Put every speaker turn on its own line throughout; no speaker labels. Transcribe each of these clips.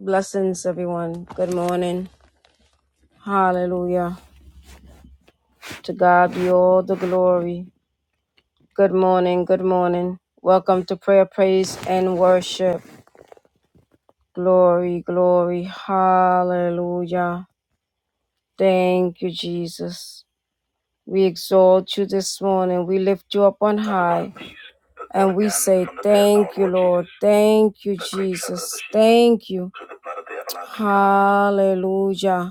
Blessings, everyone. Good morning. Hallelujah. To God be all the glory. Good morning. Good morning. Welcome to prayer, praise, and worship. Glory, glory. Hallelujah. Thank you, Jesus. We exalt you this morning. We lift you up on high. And we say, Thank you, Lord. Thank you, Jesus. Thank you. Hallelujah.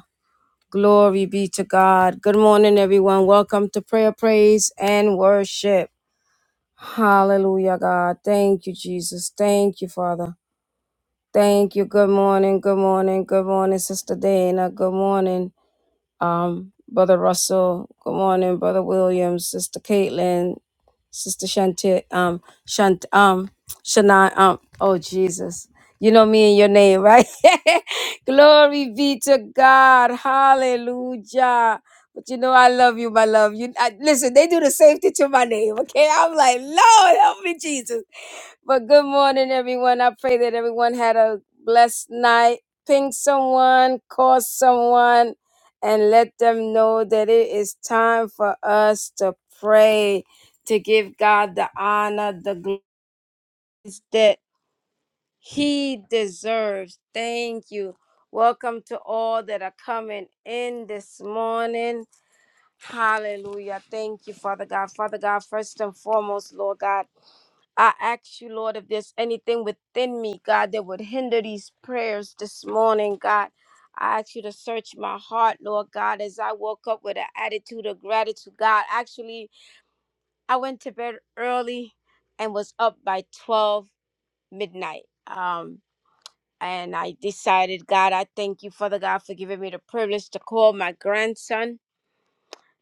Glory be to God. Good morning, everyone. Welcome to prayer, praise, and worship. Hallelujah, God. Thank you, Jesus. Thank you, Father. Thank you. Good morning. Good morning. Good morning, Sister Dana. Good morning um, Brother Russell. Good morning, Brother Williams, Sister Caitlin, Sister Shanti, um, Shant, um, Shana, um, oh Jesus. You know me and your name, right? Glory be to God. Hallelujah. But you know I love you, my love. You I, listen. They do the same thing to my name. Okay, I'm like, Lord, help me, Jesus. But good morning, everyone. I pray that everyone had a blessed night. Ping someone, call someone, and let them know that it is time for us to pray, to give God the honor, the glory that He deserves. Thank you. Welcome to all that are coming in this morning. Hallelujah. Thank you, Father God. Father God, first and foremost, Lord God. I ask you, Lord, if there's anything within me, God, that would hinder these prayers this morning, God. I ask you to search my heart, Lord God, as I woke up with an attitude of gratitude, God. Actually, I went to bed early and was up by 12 midnight. Um, and I decided, God, I thank you, Father God, for giving me the privilege to call my grandson.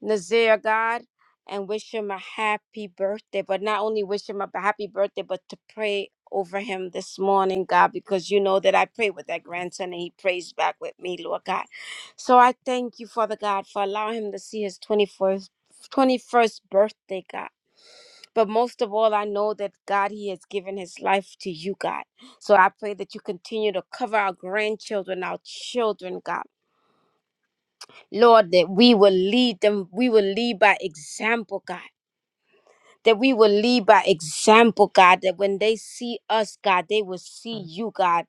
Nazir, God, and wish him a happy birthday. But not only wish him a happy birthday, but to pray over him this morning, God, because you know that I pray with that grandson and he prays back with me, Lord God. So I thank you, Father God, for allowing him to see his 24th. 21st birthday, God. But most of all, I know that God, He has given His life to you, God. So I pray that you continue to cover our grandchildren, our children, God. Lord, that we will lead them, we will lead by example, God. That we will lead by example, God. That when they see us, God, they will see you, God,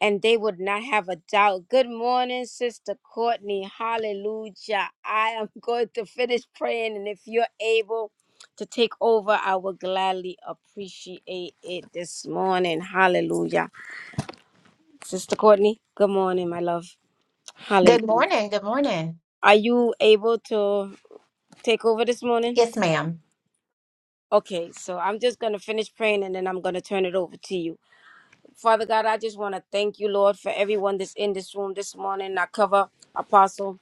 and they would not have a doubt. Good morning, Sister Courtney. Hallelujah. I am going to finish praying, and if you're able to take over, I will gladly appreciate it this morning. Hallelujah. Sister Courtney, good morning, my love. Hallelujah.
Good morning. Good morning.
Are you able to take over this morning?
Yes, ma'am.
Okay, so I'm just going to finish praying and then I'm going to turn it over to you. Father God, I just want to thank you, Lord, for everyone that's in this room this morning. I cover Apostle.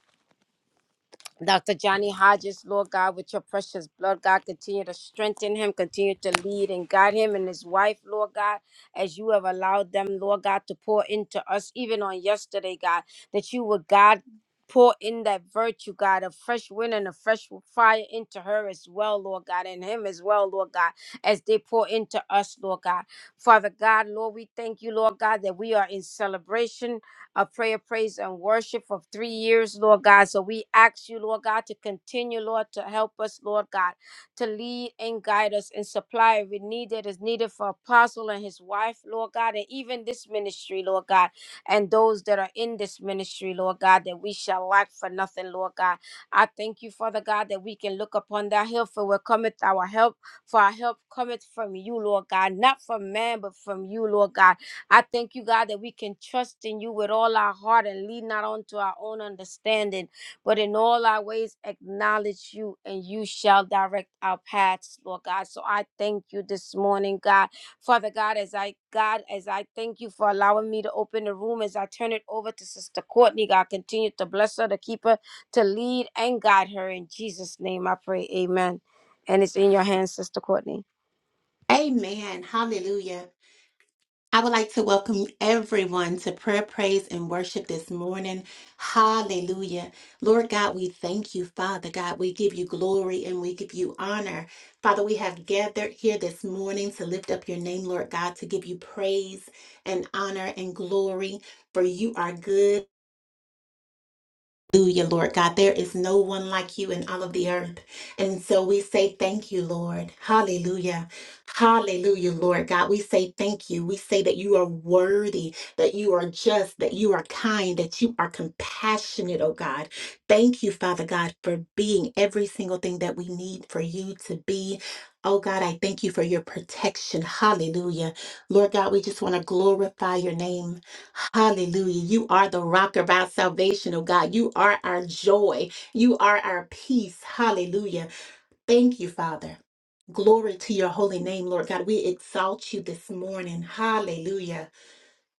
Dr. Johnny Hodges, Lord God, with your precious blood, God, continue to strengthen him, continue to lead and guide him and his wife, Lord God, as you have allowed them, Lord God, to pour into us, even on yesterday, God, that you would, God, pour in that virtue, God, a fresh wind and a fresh fire into her as well, Lord God, and him as well, Lord God, as they pour into us, Lord God. Father God, Lord, we thank you, Lord God, that we are in celebration a prayer, praise, and worship for three years, Lord God. So we ask you, Lord God, to continue, Lord, to help us, Lord God, to lead and guide us and supply every need that is needed for Apostle and his wife, Lord God, and even this ministry, Lord God, and those that are in this ministry, Lord God, that we shall lack for nothing, Lord God. I thank you, Father God, that we can look upon that hill for where cometh our help, for our help cometh from you, Lord God, not from man, but from you, Lord God. I thank you, God, that we can trust in you with all our heart and lean not onto our own understanding, but in all our ways acknowledge you, and you shall direct our paths, Lord God. So I thank you this morning, God. Father God, as I God, as I thank you for allowing me to open the room, as I turn it over to Sister Courtney, God, continue to bless her, to keep her, to lead and guide her. In Jesus' name I pray. Amen. And it's in your hands, Sister Courtney.
Amen. Hallelujah. I would like to welcome everyone to prayer, praise, and worship this morning. Hallelujah. Lord God, we thank you, Father God. We give you glory and we give you honor. Father, we have gathered here this morning to lift up your name, Lord God, to give you praise and honor and glory, for you are good. Hallelujah, Lord God. There is no one like you in all of the earth. And so we say thank you, Lord. Hallelujah. Hallelujah, Lord God. We say thank you. We say that you are worthy, that you are just, that you are kind, that you are compassionate, oh God. Thank you, Father God, for being every single thing that we need for you to be. Oh God, I thank you for your protection. Hallelujah. Lord God, we just want to glorify your name. Hallelujah. You are the rock of our salvation, oh God. You are our joy. You are our peace. Hallelujah. Thank you, Father. Glory to your holy name, Lord God. We exalt you this morning. Hallelujah.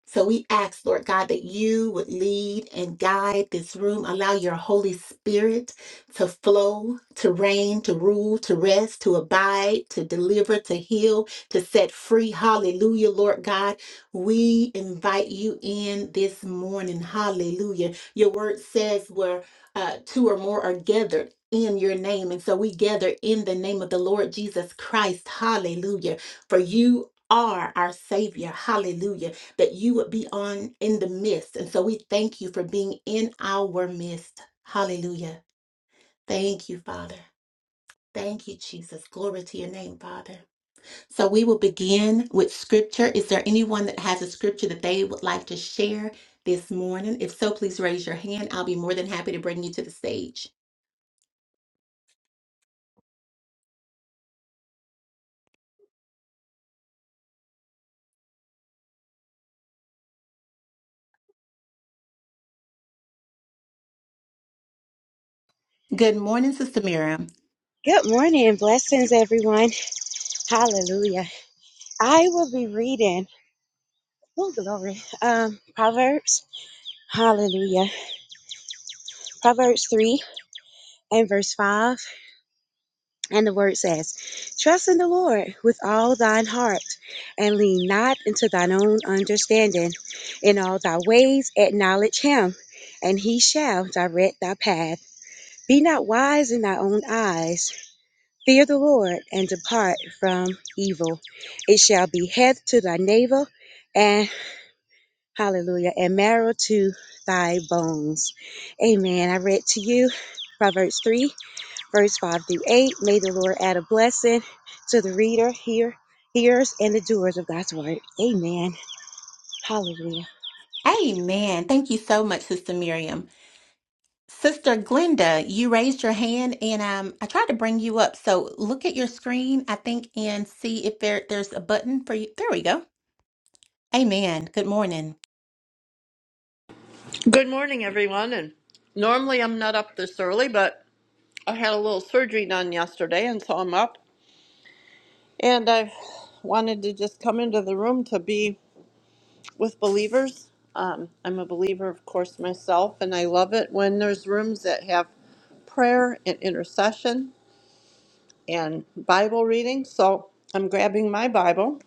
So we ask, Lord God, that you would lead and guide this room. Allow your Holy Spirit to flow, to reign, to rule, to rest, to abide, to deliver, to heal, to set free. Hallelujah, Lord God. We invite you in this morning. Hallelujah. Your word says where uh, two or more are gathered. In your name. And so we gather in the name of the Lord Jesus Christ. Hallelujah. For you are our Savior. Hallelujah that you would be on in the midst. And so we thank you for being in our midst. Hallelujah. Thank you, Father. Thank you, Jesus. Glory to your name, Father. So we will begin with scripture. Is there anyone that has a scripture that they would like to share this morning? If so, please raise your hand. I'll be more than happy to bring you to the stage. Good morning, Sister Miriam.
Good morning and blessings, everyone. Hallelujah. I will be reading, oh, glory, um, Proverbs. Hallelujah. Proverbs 3 and verse 5. And the word says, Trust in the Lord with all thine heart and lean not into thine own understanding. In all thy ways acknowledge him, and he shall direct thy path. Be not wise in thy own eyes. Fear the Lord and depart from evil. It shall be health to thy navel and hallelujah and marrow to thy bones. Amen. I read to you Proverbs 3, verse 5 through 8. May the Lord add a blessing to the reader, hear, hearers, and the doers of God's word. Amen. Hallelujah.
Amen. Thank you so much, Sister Miriam. Sister Glenda, you raised your hand and um, I tried to bring you up. So look at your screen, I think, and see if there, there's a button for you. There we go. Amen. Good morning.
Good morning, everyone. And normally I'm not up this early, but I had a little surgery done yesterday, and so I'm up. And I wanted to just come into the room to be with believers. Um, I'm a believer, of course, myself, and I love it when there's rooms that have prayer and intercession and Bible reading. So I'm grabbing my Bible,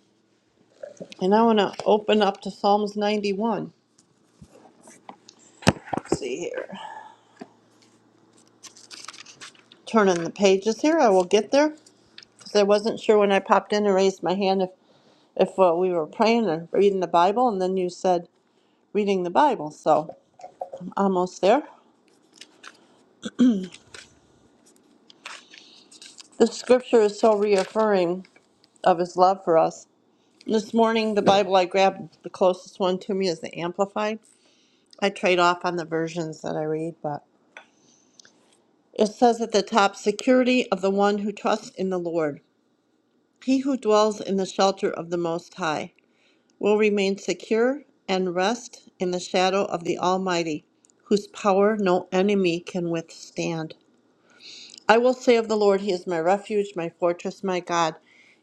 and I want to open up to Psalms 91. Let's see here, turning the pages here. I will get there. So I wasn't sure when I popped in and raised my hand if, if uh, we were praying or reading the Bible, and then you said reading the Bible. So almost there. The scripture is so reaffirming of his love for us. This morning, the Bible I grabbed, the closest one to me is the Amplified. I trade off on the versions that I read, but it says at the top security of the one who trusts in the Lord, he who dwells in the shelter of the Most High. will remain secure and rest in the shadow of the Almighty, whose power no enemy can withstand. I will say of the Lord, He is my refuge, my fortress, my God.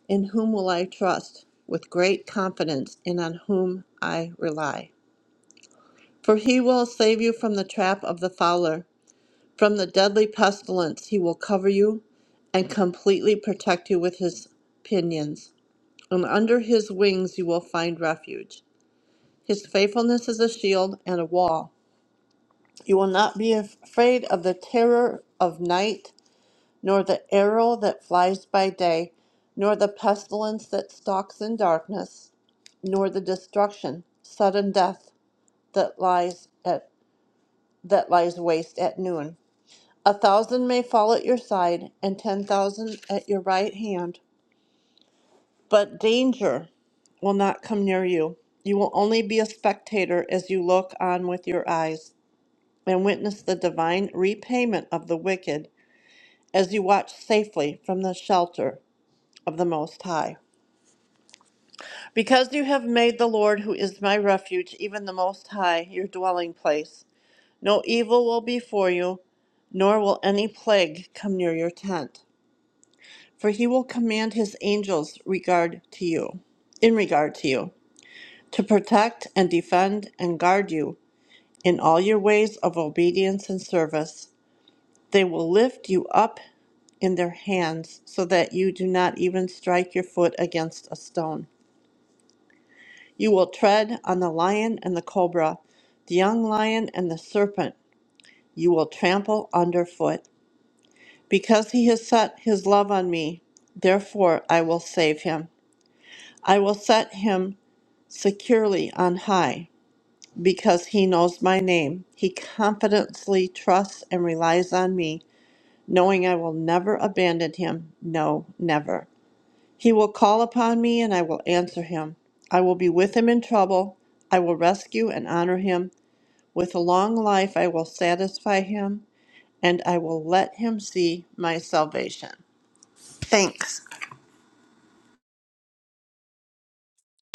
In whom will I trust? With great confidence, and on whom I rely. For he will save you from the trap of the fowler, from the deadly pestilence. He will cover you and completely protect you with his pinions, and under his wings you will find refuge. His faithfulness is a shield and a wall. You will not be afraid of the terror of night, nor the arrow that flies by day, nor the pestilence that stalks in darkness, nor the destruction, sudden death that lies at that lies waste at noon. A thousand may fall at your side, and ten thousand at your right hand, but danger will not come near you. You will only be a spectator as you look on with your eyes. and witness the divine repayment of the wicked as you watch safely from the shelter of the Most High. Because you have made the Lord, who is my refuge, even the Most High, your dwelling place, no evil will be for you, nor will any plague come near your tent. For he will command his angels regard to you, in regard to you, to protect and defend and guard you in all your ways of obedience and service. They will lift you up in their hands so that you do not even strike your foot against a stone. You will tread on the lion and the cobra, the young lion and the serpent you will trample underfoot. Because he has set his love on me, therefore I will save him. I will set him securely on high. Because he knows my name, he confidently trusts and relies on me, knowing I will never abandon him. No, never. He will call upon me, and I will answer him. I will be with him in trouble. I will rescue and honor him. With a long life, I will satisfy him, and I will let him see my salvation. Thanks.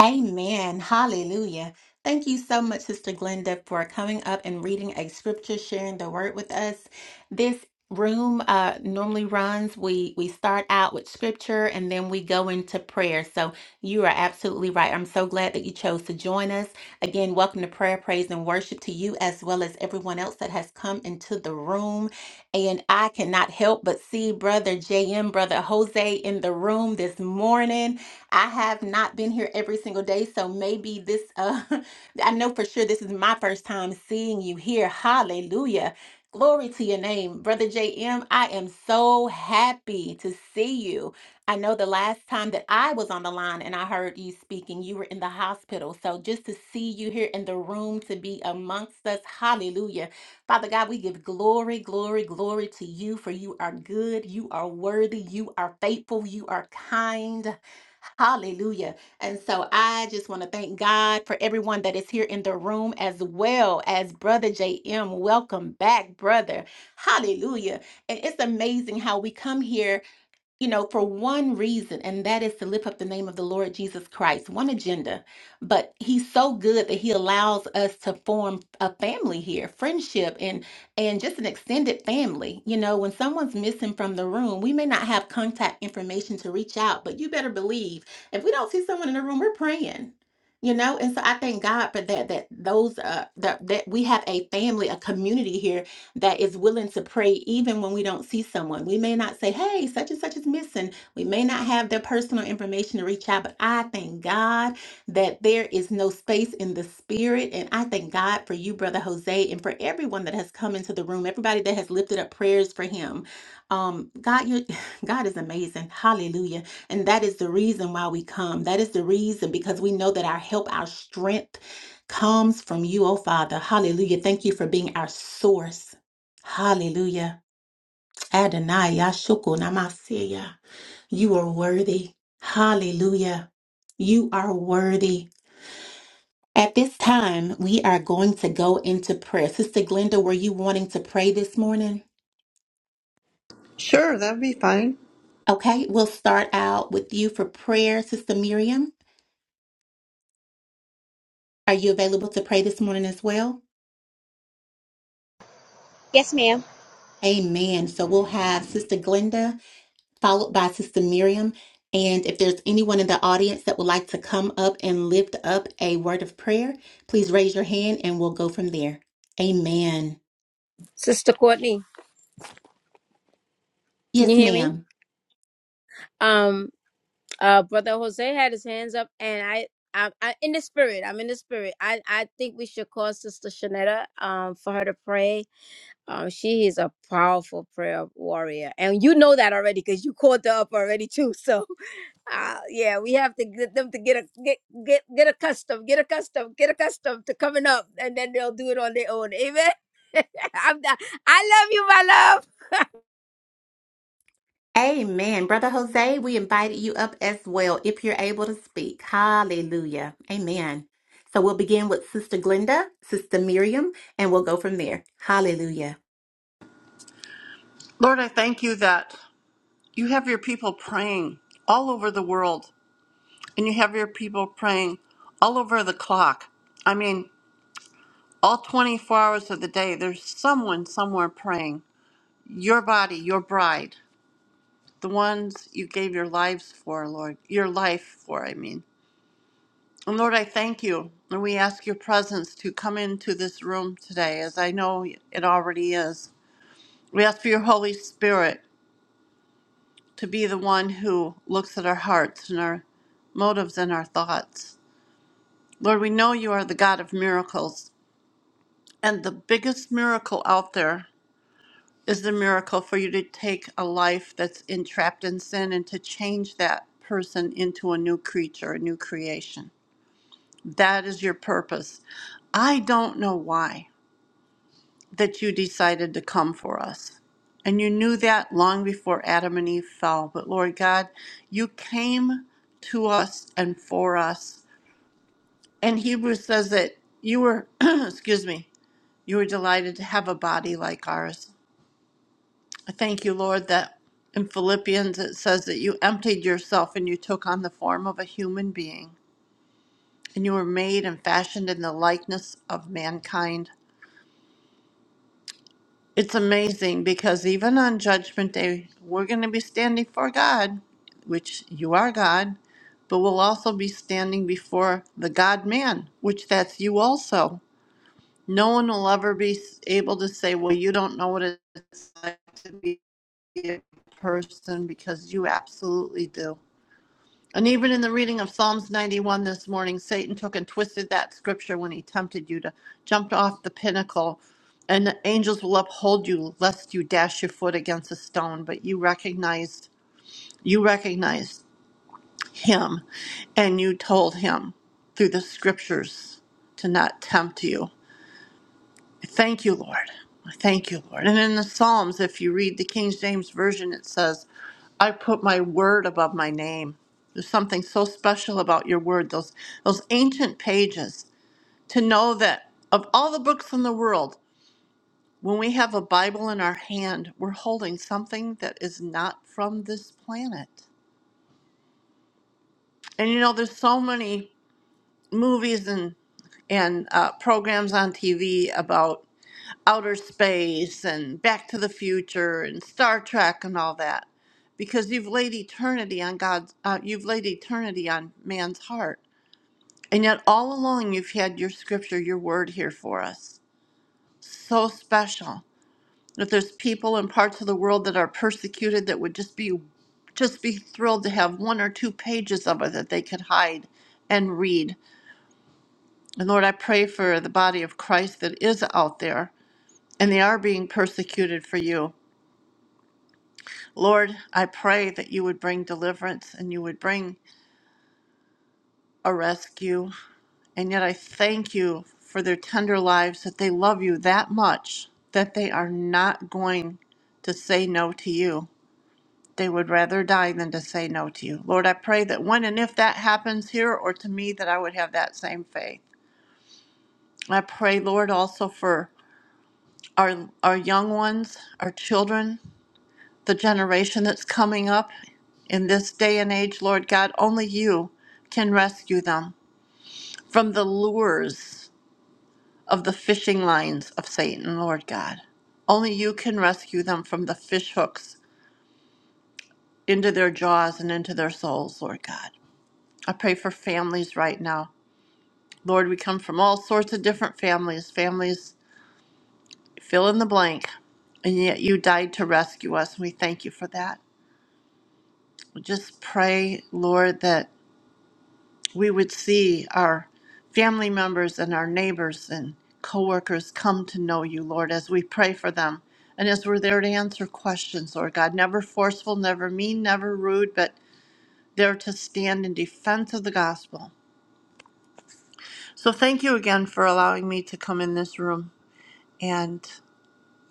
Amen. Hallelujah. Thank you so much, Sister Glenda, for coming up and reading a scripture, sharing the word with us. This room uh, normally runs. We we start out with scripture and then we go into prayer. So you are absolutely right. I'm so glad that you chose to join us. Again, welcome to prayer, praise, and worship to you as well as everyone else that has come into the room. And I cannot help but see Brother JM, Brother Jose in the room this morning. I have not been here every single day, so maybe this uh I know for sure this is my first time seeing you here. Hallelujah. Glory to your name, Brother JM. I am so happy to see you. I know the last time that I was on the line and I heard you speaking, you were in the hospital. So just to see you here in the room to be amongst us, hallelujah. Father God, we give glory, glory, glory to you, for you are good, you are worthy, you are faithful, you are kind. Hallelujah. And so I just want to thank God for everyone that is here in the room as well as Brother JM. Welcome back, brother. Hallelujah. And it's amazing how we come here you know, for one reason, and that is to lift up the name of the Lord Jesus Christ, one agenda. But he's so good that he allows us to form a family here, friendship and and just an extended family. You know, when someone's missing from the room, we may not have contact information to reach out, but you better believe if we don't see someone in the room, we're praying. You know, and so I thank God for that. That those uh, that that we have a family, a community here that is willing to pray even when we don't see someone. We may not say, hey, such and such is missing. We may not have their personal information to reach out, but I thank God that there is no space in the spirit. And I thank God for you, Brother Jose, and for everyone that has come into the room, everybody that has lifted up prayers for him. Um, God, you God is amazing. Hallelujah. And that is the reason why we come. That is the reason because we know that our help, our strength comes from you, oh Father. Hallelujah. Thank you for being our source. Hallelujah. Adonai Yashuku Namasia. You are worthy. Hallelujah. You are worthy. At this time, we are going to go into prayer. Sister Glenda, were you wanting to pray this morning?
Sure, that would be fine.
Okay, we'll start out with you for prayer. Sister Miriam, are you available to pray this morning as well?
Yes, ma'am.
Amen. So we'll have Sister Glenda followed by Sister Miriam. And if there's anyone in the audience that would like to come up and lift up a word of prayer, please raise your hand and we'll go from there. Amen.
Sister Courtney, can
Yes,
you hear me?
ma'am.
Um. Uh, brother Jose had his hands up, and I, I, I in the spirit. I'm in the spirit. I, I think we should call Sister Shanetta, um, for her to pray. Um, she is a powerful prayer warrior, and you know that already because you called her up already too. So, uh, yeah, we have to get them to get a get get get accustomed, get accustomed, get accustomed to coming up, and then they'll do it on their own. Amen. I'm not, I love you, my love.
Amen. Brother Jose, we invited you up as well if you're able to speak. Hallelujah. Amen. So we'll begin with Sister Glenda, Sister Miriam, and we'll go from there. Hallelujah.
Lord, I thank you that you have your people praying all over the world, and you have your people praying all over the clock. I mean, all 24 hours of the day, there's someone somewhere praying. Your body, your bride. the ones you gave your lives for, Lord, your life for, I mean. And Lord, I thank you. And we ask your presence to come into this room today, as I know it already is. We ask for your Holy Spirit to be the one who looks at our hearts and our motives and our thoughts. Lord, we know you are the God of miracles. And the biggest miracle out there is the miracle for you to take a life that's entrapped in sin and to change that person into a new creature, a new creation. That is your purpose. I don't know why that you decided to come for us. And you knew that long before Adam and Eve fell. But Lord God, you came to us and for us. And Hebrews says that you were, excuse me, you were delighted to have a body like ours. I thank you, Lord, that in Philippians it says that you emptied yourself and you took on the form of a human being. And you were made and fashioned in the likeness of mankind It's amazing because even on Judgment Day, we're going to be standing for God, which you are God, but we'll also be standing before the God man, which that's you also. No one will ever be s- able to say, well, you don't know what it's like to be a person because you absolutely do. And even in the reading of Psalms 91 this morning, Satan took and twisted that scripture when he tempted you to jump off the pinnacle. And the angels will uphold you lest you dash your foot against a stone. But you recognized, you recognized him and you told him through the scriptures to not tempt you. Thank you, Lord. Thank you, Lord. And in the Psalms, if you read the King James Version, it says, I put my word above my name. There's something so special about your word, those, those ancient pages, to know that of all the books in the world, when we have a Bible in our hand, we're holding something that is not from this planet. And you know, there's so many movies and, and uh, programs on TV about outer space and Back to the Future and Star Trek and all that, because you've laid eternity on God's, uh, you've laid eternity on man's heart, and yet all along you've had your scripture, your word here for us. So special. If there's people in parts of the world that are persecuted, that would just be, just be thrilled to have one or two pages of it that they could hide and read. And Lord, I pray for the body of Christ that is out there and they are being persecuted for you Lord, I pray that you would bring deliverance and you would bring a rescue. And yet I thank you for their tender lives that they love you that much that they are not going to say no to you. They would rather die than to say no to you. Lord, I pray that when and if that happens here or to me, that I would have that same faith. I pray, Lord, also for our, our young ones, our children. the generation that's coming up in this day and age, Lord God, only you can rescue them from the lures of the fishing lines of Satan, Lord God. Only you can rescue them from the fish hooks into their jaws and into their souls, Lord God. I pray for families right now. Lord, we come from all sorts of different families, families fill in the blank, and yet you died to rescue us. and We thank you for that. We just pray, Lord, that we would see our family members and our neighbors and coworkers come to know you, Lord, as we pray for them and as we're there to answer questions, Lord God. Never forceful, never mean, never rude, but there to stand in defense of the gospel. So thank you again for allowing me to come in this room. And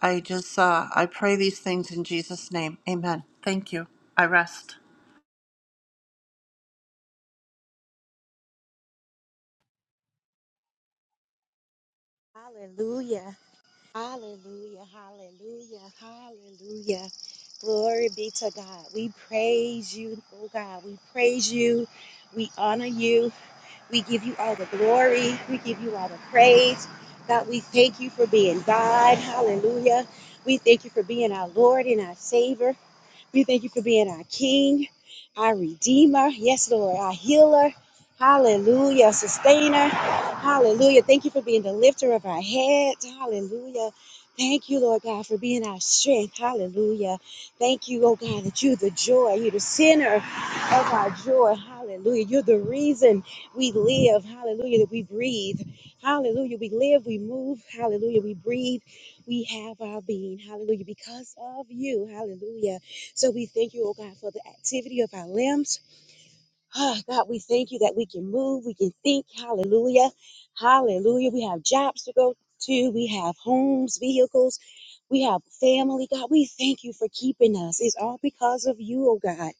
I just, uh, I pray these things in Jesus' name. Amen. Thank you. I rest.
Hallelujah. Hallelujah. Hallelujah. Hallelujah. Glory be to God. We praise you, oh God. We praise you. We honor you. We give you all the glory. We give you all the praise. God, we thank you for being God. Hallelujah. We thank you for being our Lord and our Savior. We thank you for being our King, our Redeemer. Yes, Lord, our healer. Hallelujah, sustainer. Hallelujah. Thank you for being the lifter of our heads. Hallelujah. Thank you, Lord God, for being our strength. Hallelujah. Thank you, oh God, that you're the joy. You're the center of our joy. Hallelujah. You're the reason we live. Hallelujah. That we breathe. Hallelujah. We live, we move. Hallelujah. We breathe. We have our being. Hallelujah. Because of you. Hallelujah. So we thank you, oh God, for the activity of our limbs. Ah, God, we thank you that we can move, we can think. Hallelujah. Hallelujah. We have jobs to go to, we have homes, vehicles, we have family. God, we thank you for keeping us. It's all because of you, oh God.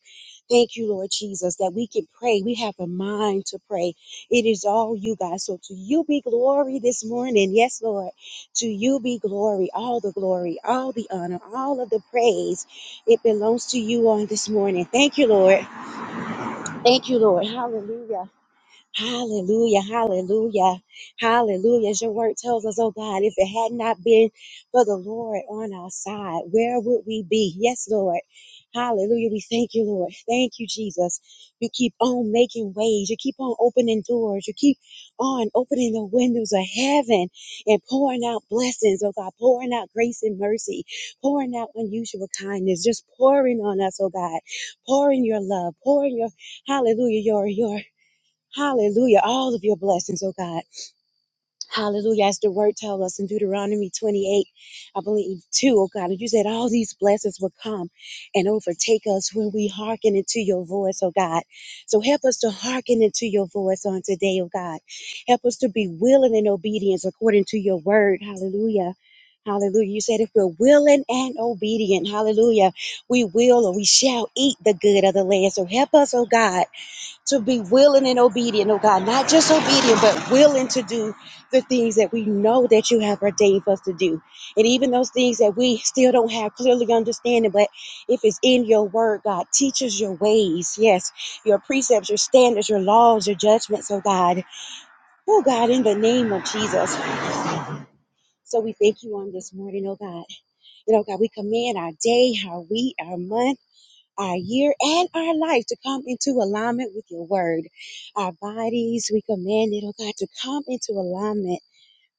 Thank you, Lord Jesus, that we can pray. We have a mind to pray. It is all you, God. So to you be glory this morning. Yes, Lord. To you be glory, all the glory, all the honor, all of the praise. It belongs to you on this morning. Thank you, Lord. Thank you, Lord. Hallelujah. Hallelujah, hallelujah, hallelujah. As your word tells us, oh God, if it had not been for the Lord on our side, where would we be? Yes, Lord. Hallelujah. We thank you, Lord. Thank you, Jesus. You keep on making ways. You keep on opening doors. You keep on opening the windows of heaven and pouring out blessings, oh God, pouring out grace and mercy, pouring out unusual kindness, just pouring on us, oh God, pouring your love, pouring your hallelujah, your your Hallelujah. All of your blessings, oh God. Hallelujah. As the word tells us in Deuteronomy 28, I believe too, oh God, you said all these blessings will come and overtake us when we hearken into your voice, oh God. So help us to hearken into your voice on today, oh God. Help us to be willing and obedience according to your word. Hallelujah. Hallelujah. You said if we're willing and obedient, hallelujah, we will or we shall eat the good of the land. So help us, oh God to be willing and obedient, oh God, not just obedient, but willing to do the things that we know that you have ordained for us to do. And even those things that we still don't have clearly understanding, but if it's in your word, God, teach us your ways, yes, your precepts, your standards, your laws, your judgments, oh God. Oh God, in the name of Jesus. So we thank you on this morning, oh God. And oh God, we command our day, our week, our month our year and our life to come into alignment with your word. Our bodies, we command it, oh God, to come into alignment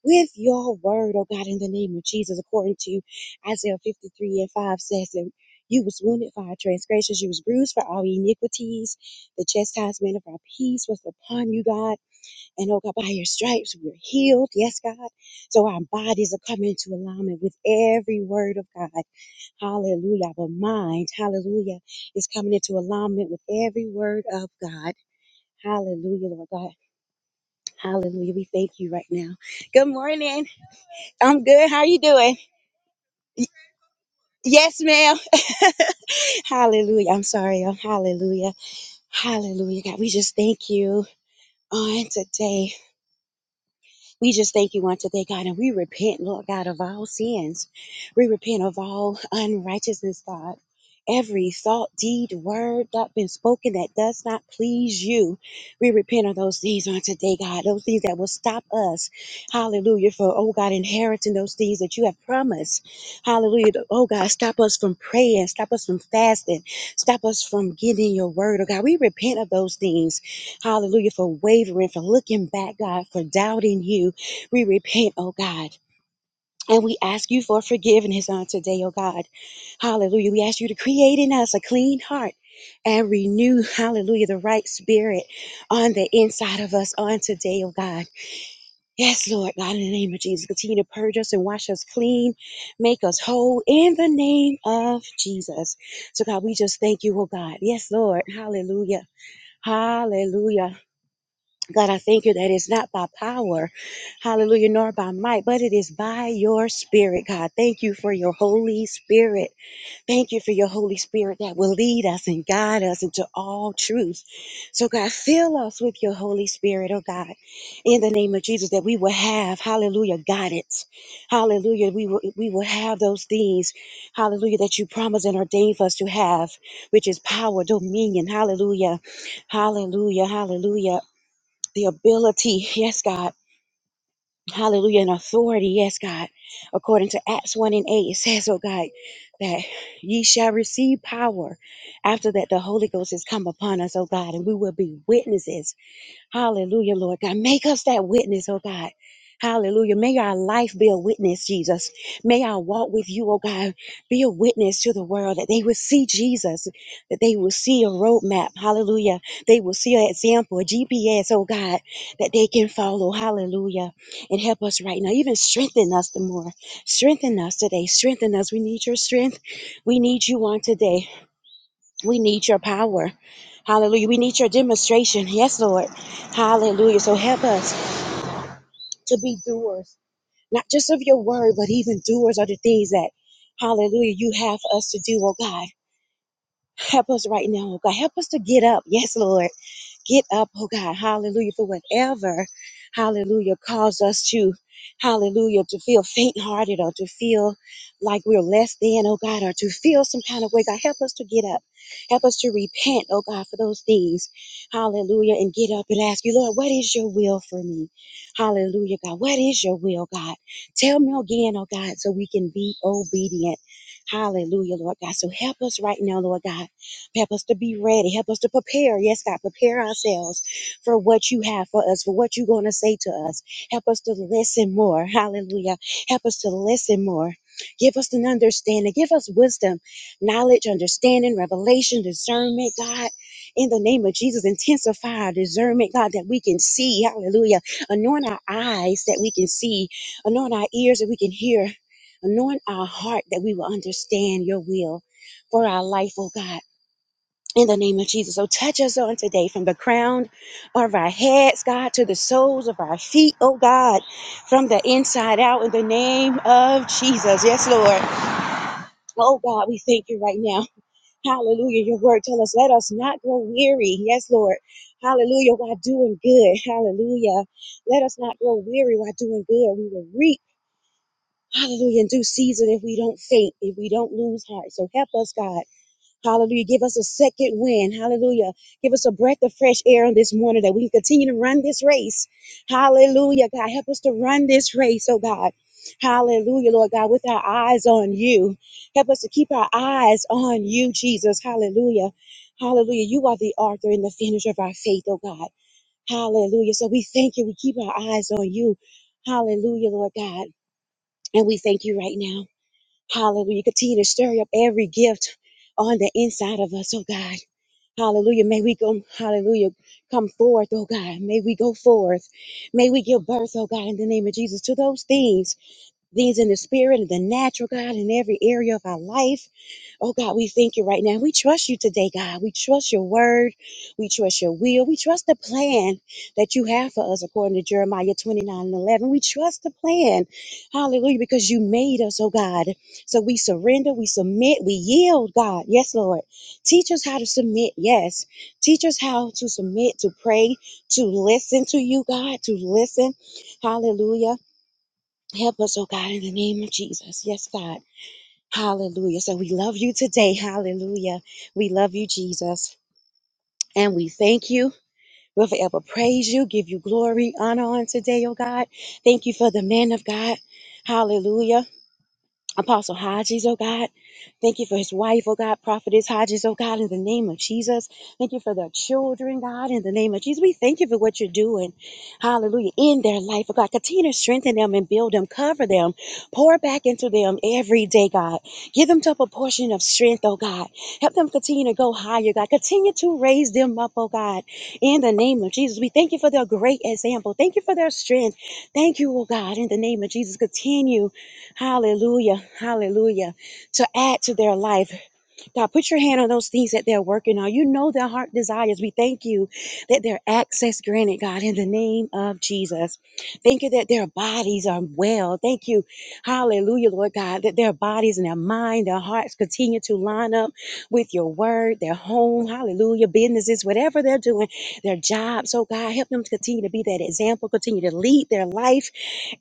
with your word, oh God, in the name of Jesus, according to Isaiah 53 and 5 says that you was wounded for our transgressions, you was bruised for our iniquities. The chastisement of our peace was upon you, God. And oh God, by your stripes we are healed. Yes, God. So our bodies are coming into alignment with every word of God Hallelujah. Our mind, hallelujah, is coming into alignment with every word of God. Hallelujah, Lord God. Hallelujah. We thank you right now. Good morning. I'm good. How are you doing? Yes, ma'am. hallelujah. I'm sorry. Oh, hallelujah. Hallelujah. God, we just thank you on today. We just thank you on today, God, and we repent, Lord God, of all sins. We repent of all unrighteousness, God. Every thought, deed, word that been spoken that does not please you. We repent of those things on today, God. Those things that will stop us. Hallelujah. For, oh God, inheriting those things that you have promised. Hallelujah. Oh God, stop us from praying. Stop us from fasting. Stop us from getting your word. Oh God, we repent of those things. Hallelujah. For wavering, for looking back, God, for doubting you. We repent, oh God. And we ask you for forgiveness on today, oh God. Hallelujah. We ask you to create in us a clean heart and renew, hallelujah, the right spirit on the inside of us on today, oh God. Yes, Lord God, in the name of Jesus, continue to purge us and wash us clean, make us whole in the name of Jesus. So, God, we just thank you, oh God. Yes, Lord. Hallelujah. Hallelujah. God, I thank you that it's not by power, hallelujah, nor by might, but it is by your spirit, God. Thank you for your Holy Spirit. Thank you for your Holy Spirit that will lead us and guide us into all truth. So, God, fill us with your Holy Spirit, oh God, in the name of Jesus, that we will have, hallelujah, guidance. Hallelujah. We will, we will have those things, hallelujah, that you promised and ordained for us to have, which is power, dominion, hallelujah, hallelujah, hallelujah the ability, yes, God, hallelujah, and authority, yes, God. According to Acts 1 and 8, it says, oh God, that ye shall receive power after that the Holy Ghost has come upon us, oh God, and we will be witnesses Hallelujah, Lord God. Make us that witness, oh God. Hallelujah. May our life be a witness, Jesus. May our walk with you, oh God, be a witness to the world that they will see Jesus, that they will see a roadmap. Hallelujah. They will see an example, a GPS, oh God, that they can follow. Hallelujah. And help us right now. Even strengthen us the more. Strengthen us today. Strengthen us. We need your strength. We need you on today. We need your power. Hallelujah. We need your demonstration. Yes, Lord. Hallelujah. So help us to be doers, not just of your word, but even doers of the things that, hallelujah, you have us to do, oh God. Help us right now, oh God. Help us to get up. Yes, Lord get up, oh God, hallelujah, for whatever, hallelujah, caused us to, hallelujah, to feel faint hearted or to feel like we're less than, oh God, or to feel some kind of way. God, help us to get up. Help us to repent, oh God, for those things. Hallelujah. And get up and ask you, Lord, what is your will for me? Hallelujah, God. What is your will, God? Tell me again, oh God, so we can be obedient. Hallelujah, Lord God. So help us right now, Lord God. Help us to be ready. Help us to prepare. Yes, God, prepare ourselves for what you have for us, for what you're going to say to us. Help us to listen more. Hallelujah. Help us to listen more. Give us an understanding. Give us wisdom, knowledge, understanding, revelation, discernment, God. In the name of Jesus, intensify our discernment, God, that we can see. Hallelujah. Anoint our eyes that we can see. Anoint our ears that we can hear. Anoint our heart that we will understand your will for our life, oh God. In the name of Jesus. So touch us on today from the crown of our heads, God, to the soles of our feet, oh God, from the inside out in the name of Jesus. Yes, Lord. Oh God, we thank you right now. Hallelujah. Your word tell us, let us not grow weary. Yes, Lord. Hallelujah. While doing good. Hallelujah. Let us not grow weary while doing good. We will reap. Hallelujah. In due season if we don't faint, if we don't lose heart. So help us, God. Hallelujah. Give us a second wind. Hallelujah. Give us a breath of fresh air on this morning that we can continue to run this race. Hallelujah. God, help us to run this race, oh God. Hallelujah, Lord God, with our eyes on you. Help us to keep our eyes on you, Jesus. Hallelujah. Hallelujah. You are the author and the finisher of our faith, oh God. Hallelujah. So we thank you. We keep our eyes on you. Hallelujah, Lord God. And we thank you right now. Hallelujah. Continue to stir up every gift on the inside of us, oh God. Hallelujah. May we go, hallelujah, come forth, oh God. May we go forth. May we give birth, oh God, in the name of Jesus, to those things, things in the spirit and the natural, God, in every area of our life. Oh God, we thank you right now. We trust you today, God. We trust your word. We trust your will. We trust the plan that you have for us according to Jeremiah 29 and 11. We trust the plan. Hallelujah. Because you made us, oh God. So we surrender, we submit, we yield, God. Yes, Lord. Teach us how to submit. Yes. Teach us how to submit, to pray, to listen to you, God, to listen. Hallelujah. Help us, oh God, in the name of Jesus. Yes, God. Hallelujah. So we love you today. Hallelujah. We love you, Jesus. And we thank you. We'll forever praise you, give you glory, honor on today, oh God. Thank you for the man of God. Hallelujah. Apostle Hodges, oh God. Thank you for his wife, oh God, prophetess Hodges, oh God, in the name of Jesus. Thank you for their children, God, in the name of Jesus. We thank you for what you're doing. Hallelujah. In their life, oh God. Continue to strengthen them and build them, cover them, pour back into them every day, God. Give them double portion of strength, oh God. Help them continue to go higher, God. Continue to raise them up, oh God. In the name of Jesus. We thank you for their great example. Thank you for their strength. Thank you, oh God, in the name of Jesus. Continue. Hallelujah. Hallelujah. To add to their life God, put your hand on those things that they're working on. You know their heart desires. We thank you that their access granted, God, in the name of Jesus. Thank you that their bodies are well. Thank you, hallelujah, Lord God, that their bodies and their mind, their hearts continue to line up with your word, their home, hallelujah, businesses, whatever they're doing, their jobs. So, God, help them to continue to be that example, continue to lead their life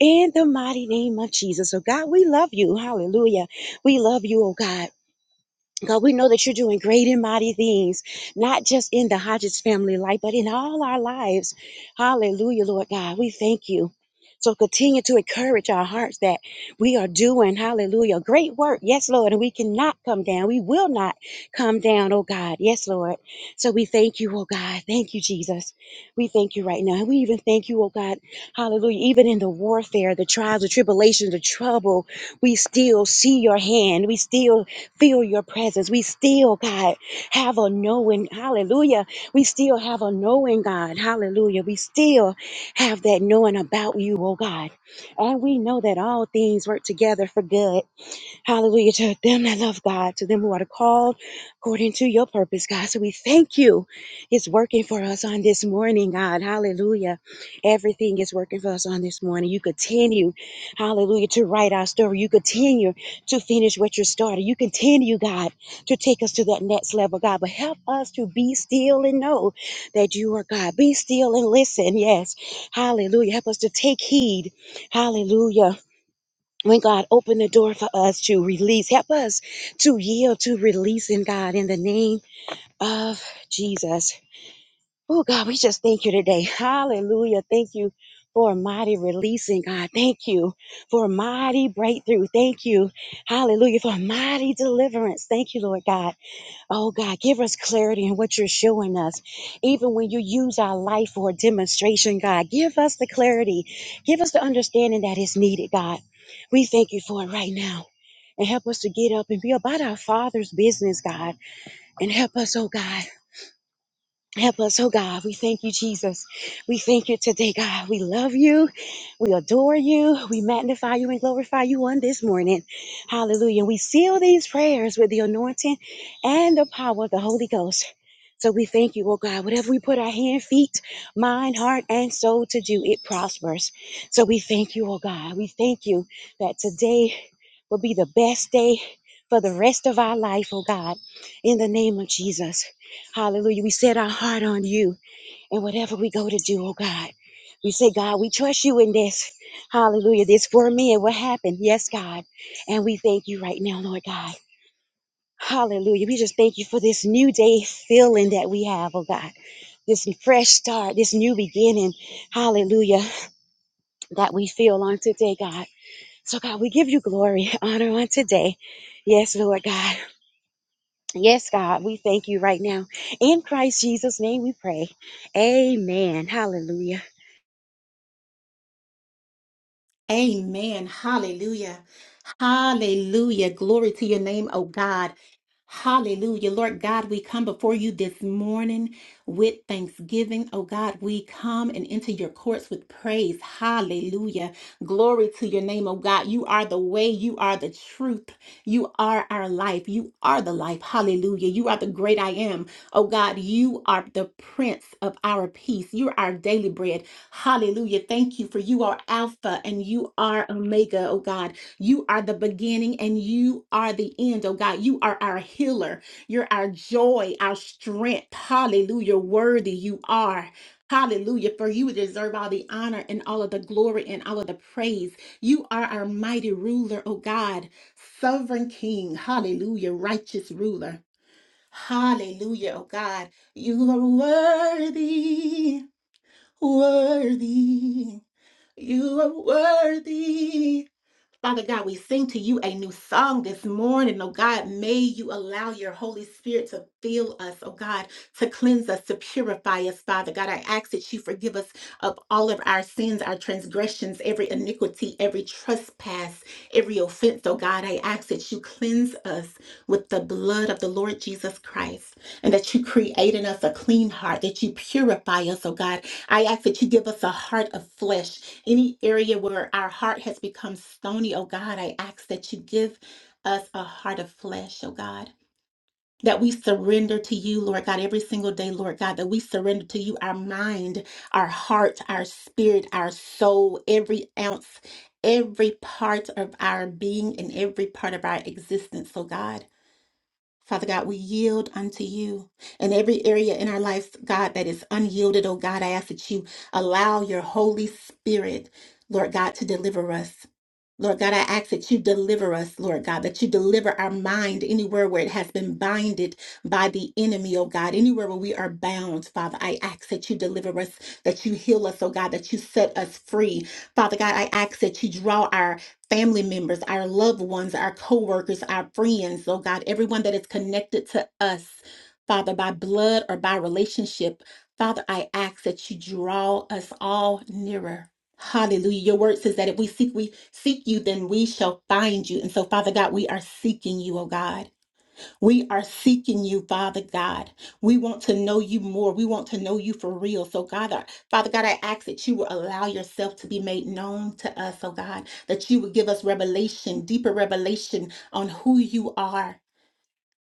in the mighty name of Jesus. So, God, we love you. Hallelujah. We love you, oh God. God, we know that you're doing great and mighty things, not just in the Hodges family life, but in all our lives. Hallelujah, Lord God. We thank you. So continue to encourage our hearts that we are doing, hallelujah, great work. Yes, Lord. And we cannot come down. We will not come down, oh God. Yes, Lord. So we thank you, oh God. Thank you, Jesus. We thank you right now. And we even thank you, oh God. Hallelujah. Even in the warfare, the trials, the tribulations, the trouble, we still see your hand. We still feel your presence. We still, God, have a knowing. Hallelujah. We still have a knowing, God. Hallelujah. We still have that knowing about you, oh God. And we know that all things work together for good Hallelujah to them that love God, to them who are called according to your purpose, God. So we thank you. It's working for us on this morning, God. Hallelujah. Everything is working for us on this morning. You continue, hallelujah, to write our story. You continue to finish what you started. You continue, God, to take us to that next level, God. But help us to be still and know that you are God. Be still and listen. Yes. Hallelujah. Help us to take heed. Hallelujah when God open the door for us to release, help us to yield to releasing God in the name of Jesus. Oh God, we just thank you today. Hallelujah. Thank you for a mighty releasing, God. Thank you for a mighty breakthrough. Thank you. Hallelujah. For a mighty deliverance. Thank you, Lord God. Oh God, give us clarity in what you're showing us. Even when you use our life for a demonstration, God, give us the clarity. Give us the understanding that is needed, God. We thank you for it right now. And help us to get up and be about our Father's business, God. And help us, oh God. Help us, oh God. We thank you, Jesus. We thank you today, God. We love you. We adore you. We magnify you and glorify you on this morning. Hallelujah. We seal these prayers with the anointing and the power of the Holy Ghost. So we thank you, oh God. Whatever we put our hand, feet, mind, heart, and soul to do, it prospers. So we thank you, oh God. We thank you that today will be the best day for the rest of our life, oh God, in the name of Jesus. Hallelujah. We set our heart on you and whatever we go to do, oh God. We say, God, we trust you in this. Hallelujah. This for me and what happened. Yes, God. And we thank you right now, Lord God. Hallelujah. We just thank you for this new day feeling that we have, oh God. This fresh start, this new beginning. Hallelujah. That we feel on today, God. So, God, we give you glory, honor on today. Yes, Lord God. Yes, God, we thank you right now. In Christ Jesus' name we pray. Amen. Hallelujah.
Amen. Hallelujah. Hallelujah. Glory to your name, oh God. Hallelujah. Lord God, we come before you this morning with thanksgiving. Oh God, we come and enter your courts with praise. Hallelujah. Glory to your name, oh God. You are the way, you are the truth, you are our life, you are the life. Hallelujah. You are the great I am. Oh God, you are the prince of our peace. You're our daily bread. Hallelujah. Thank you for you are Alpha and you are Omega, oh God. You are the beginning and you are the end, oh God. You are our healer. You're our joy, our strength. Hallelujah. Worthy you are. Hallelujah. For you deserve all the honor and all of the glory and all of the praise. You are our mighty ruler, oh God. Sovereign King. Hallelujah. Righteous ruler. Hallelujah, oh God. You are worthy, worthy. You are worthy. Father God, we sing to you a new song this morning. Oh God, may you allow your Holy Spirit to fill us, oh God, to cleanse us, to purify us, Father God. I ask that you forgive us of all of our sins, our transgressions, every iniquity, every trespass, every offense, oh God. I ask that you cleanse us with the blood of the Lord Jesus Christ and that you create in us a clean heart, that you purify us, oh God. I ask that you give us a heart of flesh any area where our heart has become stony, oh God, I ask that you give us a heart of flesh, oh God. That we surrender to you, Lord God, every single day, Lord God, that we surrender to you our mind, our heart, our spirit, our soul, every ounce, every part of our being, and every part of our existence, oh God. Father God, we yield unto you in every area in our life, God, that is unyielded. Oh God, I ask that you allow your Holy Spirit, Lord God, to deliver us. Lord God, I ask that you deliver us, Lord God, that you deliver our mind anywhere where it has been binded by the enemy, oh God, anywhere where we are bound, Father. I ask that you deliver us, that you heal us, oh God, that you set us free. Father God, I ask that you draw our family members, our loved ones, our co-workers, our friends, oh God, everyone that is connected to us, Father, by blood or by relationship. Father, I ask that you draw us all nearer. Hallelujah. Your word says that if we seek we seek you, then we shall find you. And so, Father God, we are seeking you, oh God. We are seeking you, Father God. We want to know you more. We want to know you for real. So, God, I- Father God, I ask that you will allow yourself to be made known to us, oh God, that you would give us revelation, deeper revelation on who you are.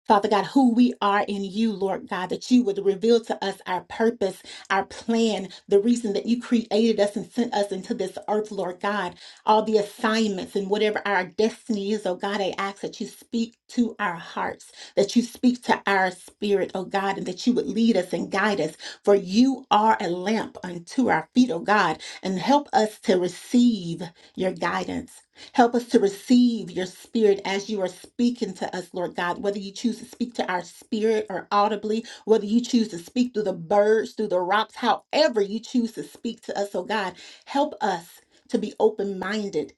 Father God, who we are in you, Lord God, that you would reveal to us our purpose, our plan, the reason that you created us and sent us into this earth, Lord God, all the assignments and whatever our destiny is, oh God, I ask that you speak to our hearts, that you speak to our spirit, oh God, and that you would lead us and guide us. For you are a lamp unto our feet, oh God, and help us to receive your guidance. Help us to receive your spirit as you are speaking to us, Lord God. Whether you choose to speak to our spirit or audibly, whether you choose to speak through the birds, through the rocks, however you choose to speak to us, oh God, help us to be open minded.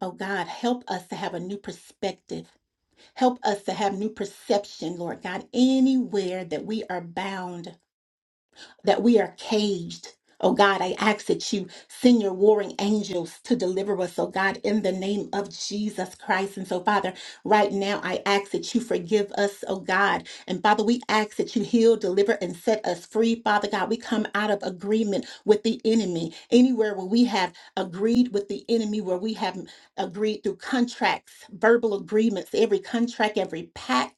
Oh God, help us to have a new perspective. Help us to have new perception, Lord God, anywhere that we are bound that we are caged. Oh God, I ask that you send your warring angels to deliver us, oh God, in the name of Jesus Christ. And so, Father, right now I ask that you forgive us, oh God. And Father, we ask that you heal, deliver, and set us free, Father God. We come out of agreement with the enemy. Anywhere where we have agreed with the enemy, where we have agreed through contracts, verbal agreements, every contract, every pact.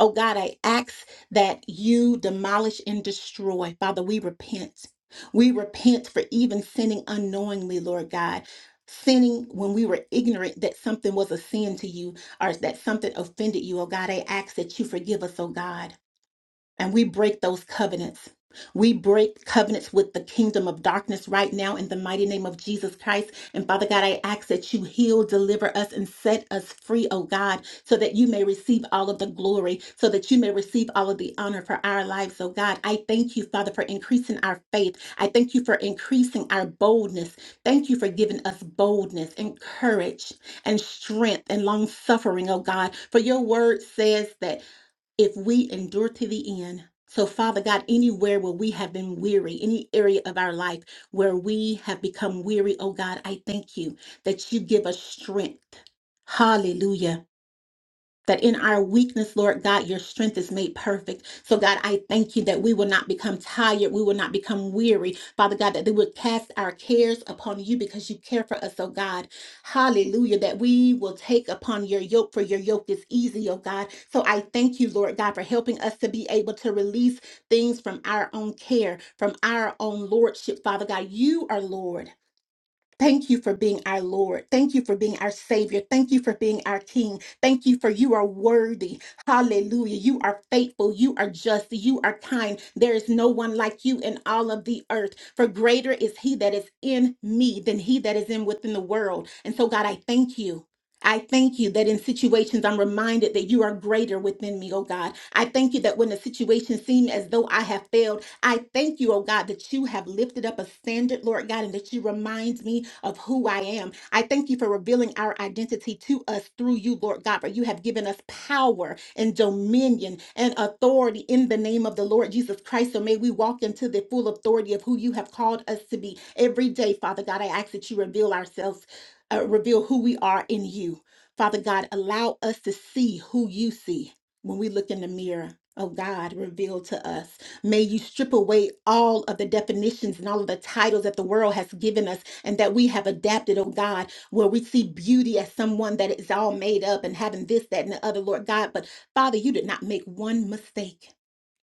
Oh God, I ask that you demolish and destroy. Father, we repent. We repent for even sinning unknowingly, Lord God. Sinning when we were ignorant that something was a sin to you or that something offended you, oh God. I ask that you forgive us, oh God and we break those covenants. We break covenants with the kingdom of darkness right now in the mighty name of Jesus Christ. And Father God, I ask that you heal, deliver us, and set us free, oh God, so that you may receive all of the glory, so that you may receive all of the honor for our lives, oh God. I thank you, Father, for increasing our faith. I thank you for increasing our boldness. Thank you for giving us boldness and courage and strength and long suffering, oh God. For your word says that if we endure to the end. So, Father God, anywhere where we have been weary, any area of our life where we have become weary, oh God, I thank you that you give us strength. Hallelujah that in our weakness, Lord God, your strength is made perfect. So, God, I thank you that we will not become tired. We will not become weary. Father God, that we would cast our cares upon you because you care for us, oh God. Hallelujah. That we will take upon your yoke, for your yoke is easy, oh God. So, I thank you, Lord God, for helping us to be able to release things from our own care, from our own lordship, Father God. You are Lord. Thank you for being our Lord. Thank you for being our Savior. Thank you for being our King. Thank you for you are worthy. Hallelujah. You are faithful. You are just. You are kind. There is no one like you in all of the earth. For greater is He that is in me than He that is in within the world. And so, God, I thank you. I thank you that in situations I'm reminded that you are greater within me, oh God. I thank you that when the situation seemed as though I have failed, I thank you, oh God, that you have lifted up a standard, Lord God, and that you remind me of who I am. I thank you for revealing our identity to us through you, Lord God, for you have given us power and dominion and authority in the name of the Lord Jesus Christ. So may we walk into the full authority of who you have called us to be every day, Father God. I ask that you reveal ourselves, uh, reveal who we are in you. Father God, allow us to see who you see when we look in the mirror. Oh God, reveal to us. May you strip away all of the definitions and all of the titles that the world has given us and that we have adapted, oh God, where we see beauty as someone that is all made up and having this, that, and the other, Lord God. But Father, you did not make one mistake.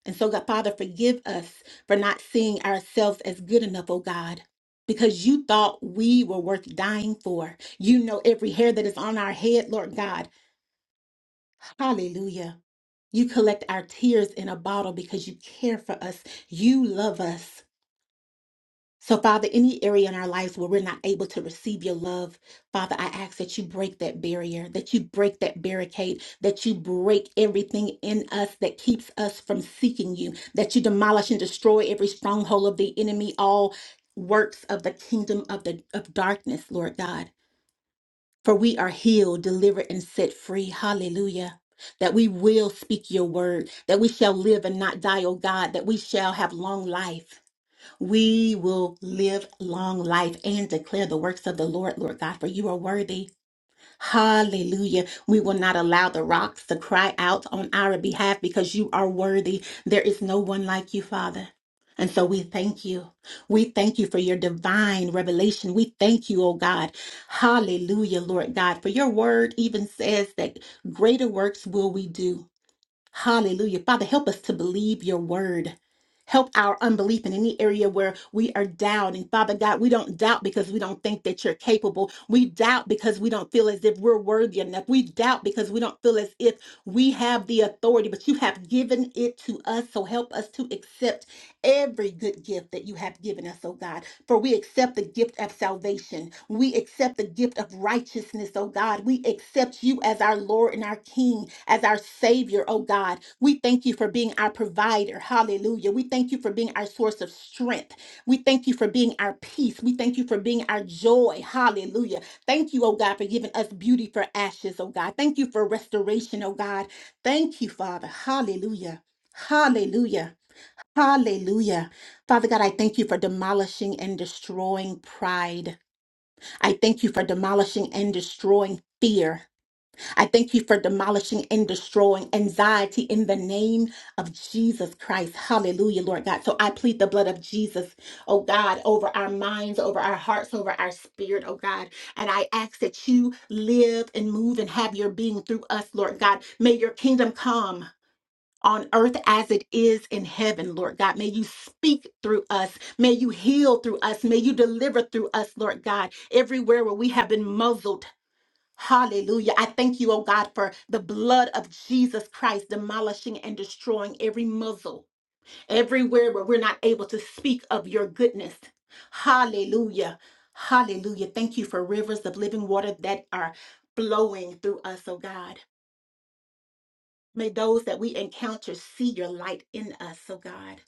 And so, God, Father, forgive us for not seeing ourselves as good enough, oh God. Because you thought we were worth dying for. You know every hair that is on our head, Lord God. Hallelujah. You collect our tears in a bottle because you care for us. You love us. So, Father, any area in our lives where we're not able to receive your love, Father, I ask that you break that barrier, that you break that barricade, that you break everything in us that keeps us from seeking you, that you demolish and destroy every stronghold of the enemy, all works of the kingdom of the of darkness, Lord God. For we are healed, delivered, and set free. Hallelujah. That we will speak your word, that we shall live and not die, O God, that we shall have long life. We will live long life and declare the works of the Lord, Lord God, for you are worthy. Hallelujah. We will not allow the rocks to cry out on our behalf because you are worthy. There is no one like you, Father. And so we thank you. We thank you for your divine revelation. We thank you, oh God. Hallelujah, Lord God, for your word even says that greater works will we do. Hallelujah. Father, help us to believe your word. Help our unbelief in any area where we are doubting. Father God, we don't doubt because we don't think that you're capable. We doubt because we don't feel as if we're worthy enough. We doubt because we don't feel as if we have the authority, but you have given it to us. So help us to accept every good gift that you have given us, oh God. For we accept the gift of salvation. We accept the gift of righteousness, oh God. We accept you as our Lord and our King, as our Savior, oh God. We thank you for being our provider. Hallelujah. We thank you for being our source of strength. We thank you for being our peace. We thank you for being our joy. Hallelujah. Thank you, oh God, for giving us beauty for ashes, oh God. Thank you for restoration, oh God. Thank you, Father. Hallelujah. Hallelujah. Hallelujah. Father God, I thank you for demolishing and destroying pride. I thank you for demolishing and destroying fear. I thank you for demolishing and destroying anxiety in the name of Jesus Christ. Hallelujah, Lord God. So I plead the blood of Jesus, oh God, over our minds, over our hearts, over our spirit, oh God. And I ask that you live and move and have your being through us, Lord God. May your kingdom come on earth as it is in heaven, Lord God. May you speak through us. May you heal through us. May you deliver through us, Lord God, everywhere where we have been muzzled. Hallelujah. I thank you, oh God, for the blood of Jesus Christ demolishing and destroying every muzzle, everywhere where we're not able to speak of your goodness. Hallelujah. Hallelujah. Thank you for rivers of living water that are flowing through us, oh God. May those that we encounter see your light in us, oh God.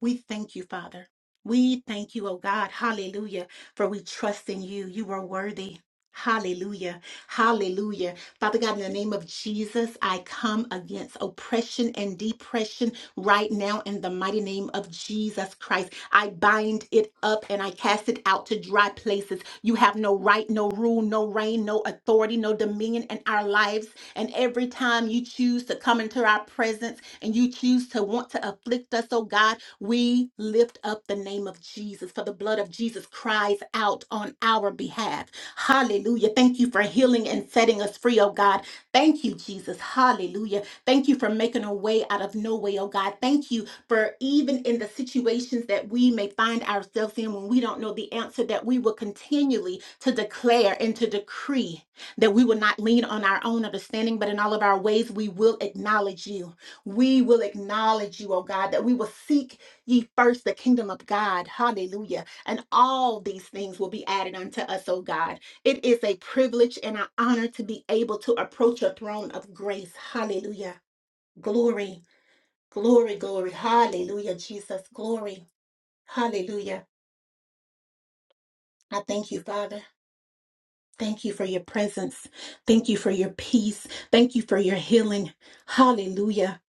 We thank you, Father. We thank you, oh God. Hallelujah. For we trust in you. You are worthy. Hallelujah. Hallelujah. Father God, in the name of Jesus, I come against oppression and depression right now in the mighty name of Jesus Christ. I bind it up and I cast it out to dry places. You have no right, no rule, no reign, no authority, no dominion in our lives and every time you choose to come into our presence and you choose to want to afflict us, oh God, we lift up the name of Jesus, for the blood of Jesus cries out on our behalf. Hallelujah. Thank you for healing and setting us free, oh God. Thank you, Jesus. Hallelujah. Thank you for making a way out of no way, oh God. Thank you for even in the situations that we may find ourselves in when we don't know the answer, that we will continually to declare and to decree that we will not lean on our own understanding, but in all of our ways, we will acknowledge you. We will acknowledge you, oh God, that we will seek ye first the kingdom of God. Hallelujah. And all these things will be added unto us, oh God. It is a privilege and an honor to be able to approach your throne of grace. Hallelujah. Glory, glory, glory. Hallelujah, Jesus. Glory. Hallelujah. I thank you, Father. Thank you for your presence. Thank you for your peace. Thank you for your healing. Hallelujah.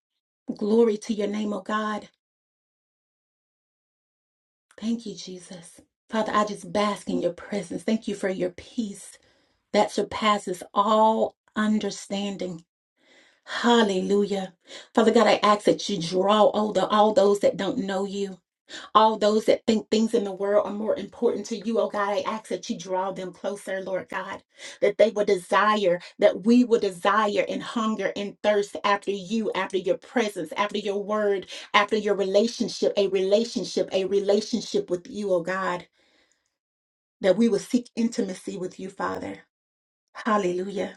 Glory to your name, oh God. Thank you, Jesus. Father, I just bask in your presence. Thank you for your peace that surpasses all understanding. Hallelujah. Father God, I ask that you draw all, the, all those that don't know you. all those that think things in the world are more important to you, oh God, I ask that you draw them closer, Lord God, that they will desire, that we will desire and hunger and thirst after you, after your presence, after your word, after your relationship, a relationship, a relationship with you, oh God, that we will seek intimacy with you, Father. Hallelujah.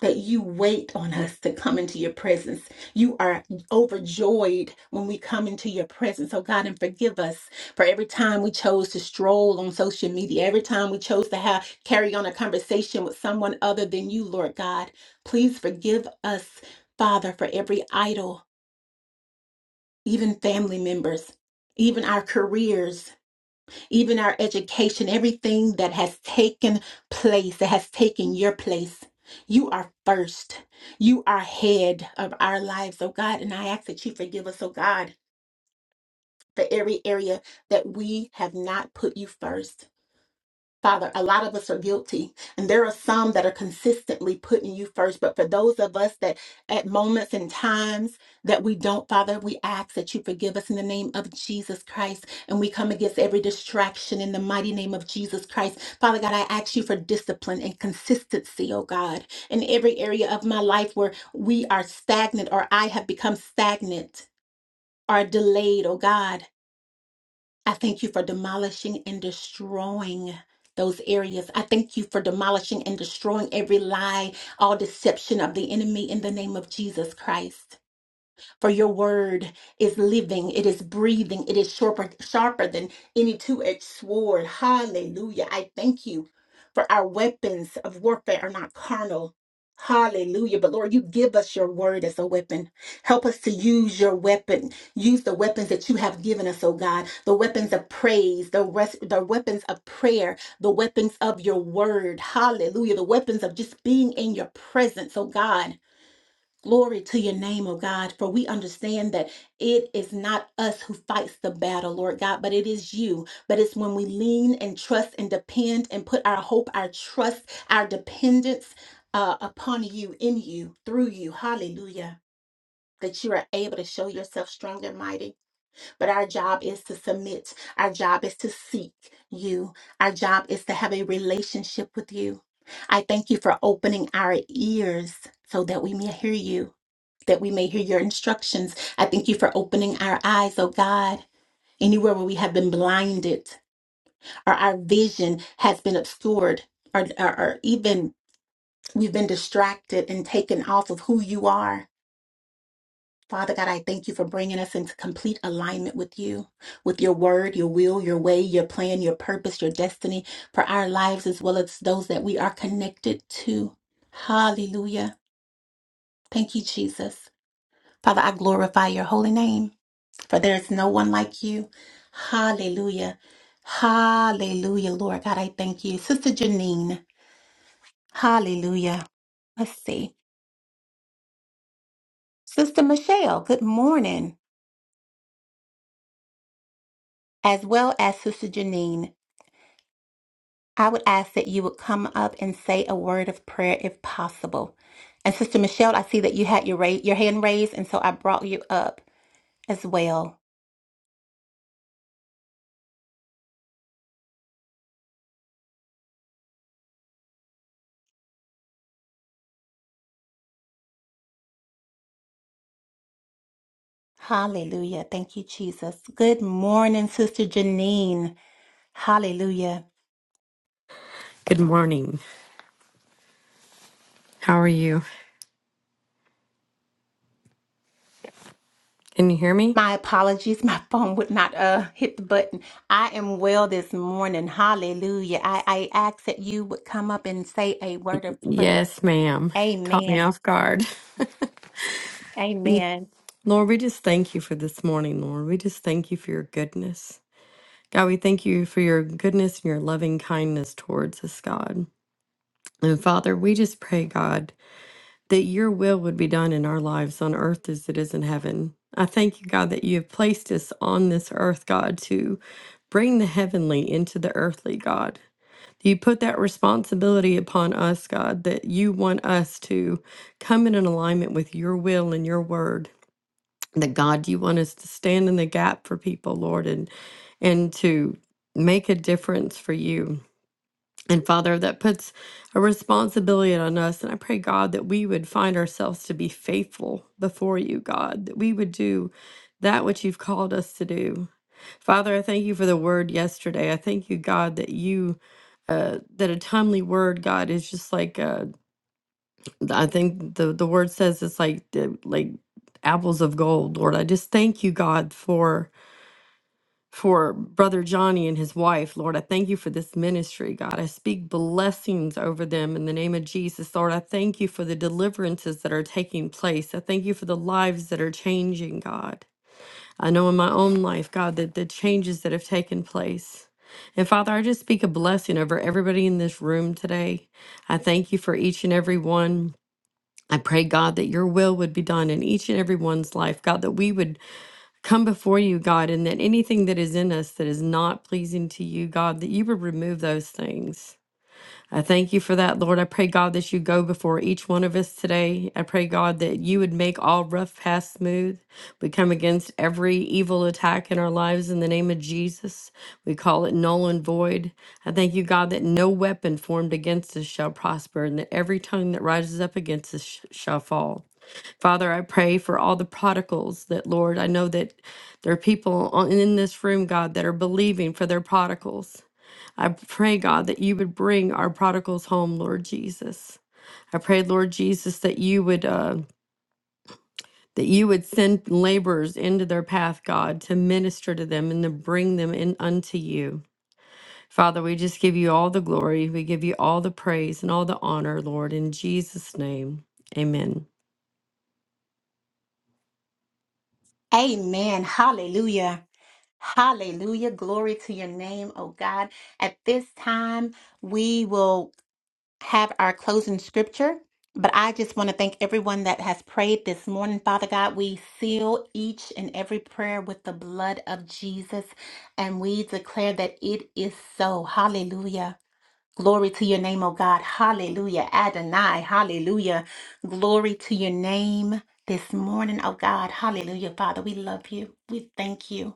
that you wait on us to come into your presence. You are overjoyed when we come into your presence. Oh God, and forgive us for every time we chose to stroll on social media, every time we chose to have carry on a conversation with someone other than you, Lord God. Please forgive us, Father, for every idol, even family members, even our careers even our education, everything that has taken place, that has taken your place. You are first. You are head of our lives, oh God. And I ask that you forgive us, oh God, for every area that we have not put you first. Father, a lot of us are guilty, and there are some that are consistently putting you first. But for those of us that at moments and times that we don't, Father, we ask that you forgive us in the name of Jesus Christ. And we come against every distraction in the mighty name of Jesus Christ. Father God, I ask you for discipline and consistency, oh God, in every area of my life where we are stagnant or I have become stagnant. Are delayed, oh God. I thank you for demolishing and destroying those areas. I thank you for demolishing and destroying every lie, all deception of the enemy in the name of Jesus Christ. For your word is living, it is breathing, it is sharper, sharper than any two edged sword. Hallelujah. I thank you for our weapons of warfare are not carnal. Hallelujah. But Lord, you give us your word as a weapon. Help us to use your weapon. Use the weapons that you have given us, oh God. The weapons of praise, the rest, the weapons of prayer, the weapons of your word. Hallelujah. The weapons of just being in your presence, oh God. Glory to your name, oh God, for we understand that it is not us who fights the battle, Lord God, but it is you. But it's when we lean and trust and depend and put our hope, our trust, our dependence uh, upon you, in you, through you. Hallelujah. That you are able to show yourself strong and mighty. But our job is to submit, our job is to seek you, our job is to have a relationship with you. I thank you for opening our ears so that we may hear you that we may hear your instructions. I thank you for opening our eyes, oh God, anywhere where we have been blinded or our vision has been obscured or, or, or even we've been distracted and taken off of who you are. Father God, I thank you for bringing us into complete alignment with you, with your word, your will, your way, your plan, your purpose, your destiny for our lives as well as those that we are connected to. Hallelujah. Thank you, Jesus. Father, I glorify your holy name. for there is no one like you. Hallelujah. Hallelujah, Lord God, I thank you. Sister Janine, hallelujah. Let's see. Sister Michelle, good morning, as well as Sister Janine. I would ask that you would come up and say a word of prayer if possible. And Sister Michelle, I see that you had your, ra- your hand raised, and so I brought you up as well. Hallelujah. Thank you, Jesus. Good morning, Sister Janine. Hallelujah.
Good morning. How are you? Can you hear me?
My apologies. My phone would not uh hit the button. I am well this morning. Hallelujah. I, I ask that you would come up and say a word of prayer.
Yes, ma'am. Caught me
Amen.
off guard.
Amen.
Lord, we just thank you for this morning, Lord. We just thank you for your goodness. God, we thank you for your goodness and your loving kindness towards us, God. And Father, we just pray, God, that your will would be done in our lives on earth as it is in heaven. I thank you, God, that you have placed us on this earth, God, to bring the heavenly into the earthly, God. You put that responsibility upon us, God, that you want us to come in an alignment with your will and your word. That God, you want us to stand in the gap for people, Lord, and and to make a difference for you. And Father, that puts a responsibility on us. And I pray, God, that we would find ourselves to be faithful before you, God, that we would do that which you've called us to do. Father, I thank you for the word yesterday. I thank you, God, that you uh, that a timely word, God, is just like uh, I think the the word says it's like the, like apples of gold, Lord. I just thank you, God, for for brother Johnny and his wife, Lord. I thank you for this ministry, God. I speak blessings over them in the name of Jesus, Lord. I thank you for the deliverances that are taking place. I thank you for the lives that are changing, God. I know in my own life, God, that the changes that have taken place. And Father, I just speak a blessing over everybody in this room today. I thank you for each and every one. I pray, God, that your will would be done in each and every one's life. God, that we would come before you, God, and that anything that is in us that is not pleasing to you, God, that you would remove those things. I thank you for that, Lord. I pray, God, that you go before each one of us today. I pray, God, that you would make all rough paths smooth. We come against every evil attack in our lives in the name of Jesus. We call it null and void. I thank you, God, that no weapon formed against us shall prosper and that every tongue that rises up against us sh- shall fall. Father, I pray for all the prodigals that, Lord, I know that there are people on- in this room, God, that are believing for their prodigals. I pray, God, that you would bring our prodigals home, Lord Jesus. I pray, Lord Jesus, that you would uh, that you would send laborers into their path, God, to minister to them and to bring them in unto you. Father, we just give you all the glory. We give you all the praise and all the honor, Lord, in Jesus' name. Amen.
Amen. Hallelujah. Hallelujah. Glory to your name, oh God. At this time, we will have our closing scripture, but I just want to thank everyone that has prayed this morning. Father God, we seal each and every prayer with the blood of Jesus, and we declare that it is so. Hallelujah. Glory to your name, oh God. Hallelujah. Adonai. Hallelujah. Glory to your name this morning, oh God. Hallelujah. Father, we love you. We thank you.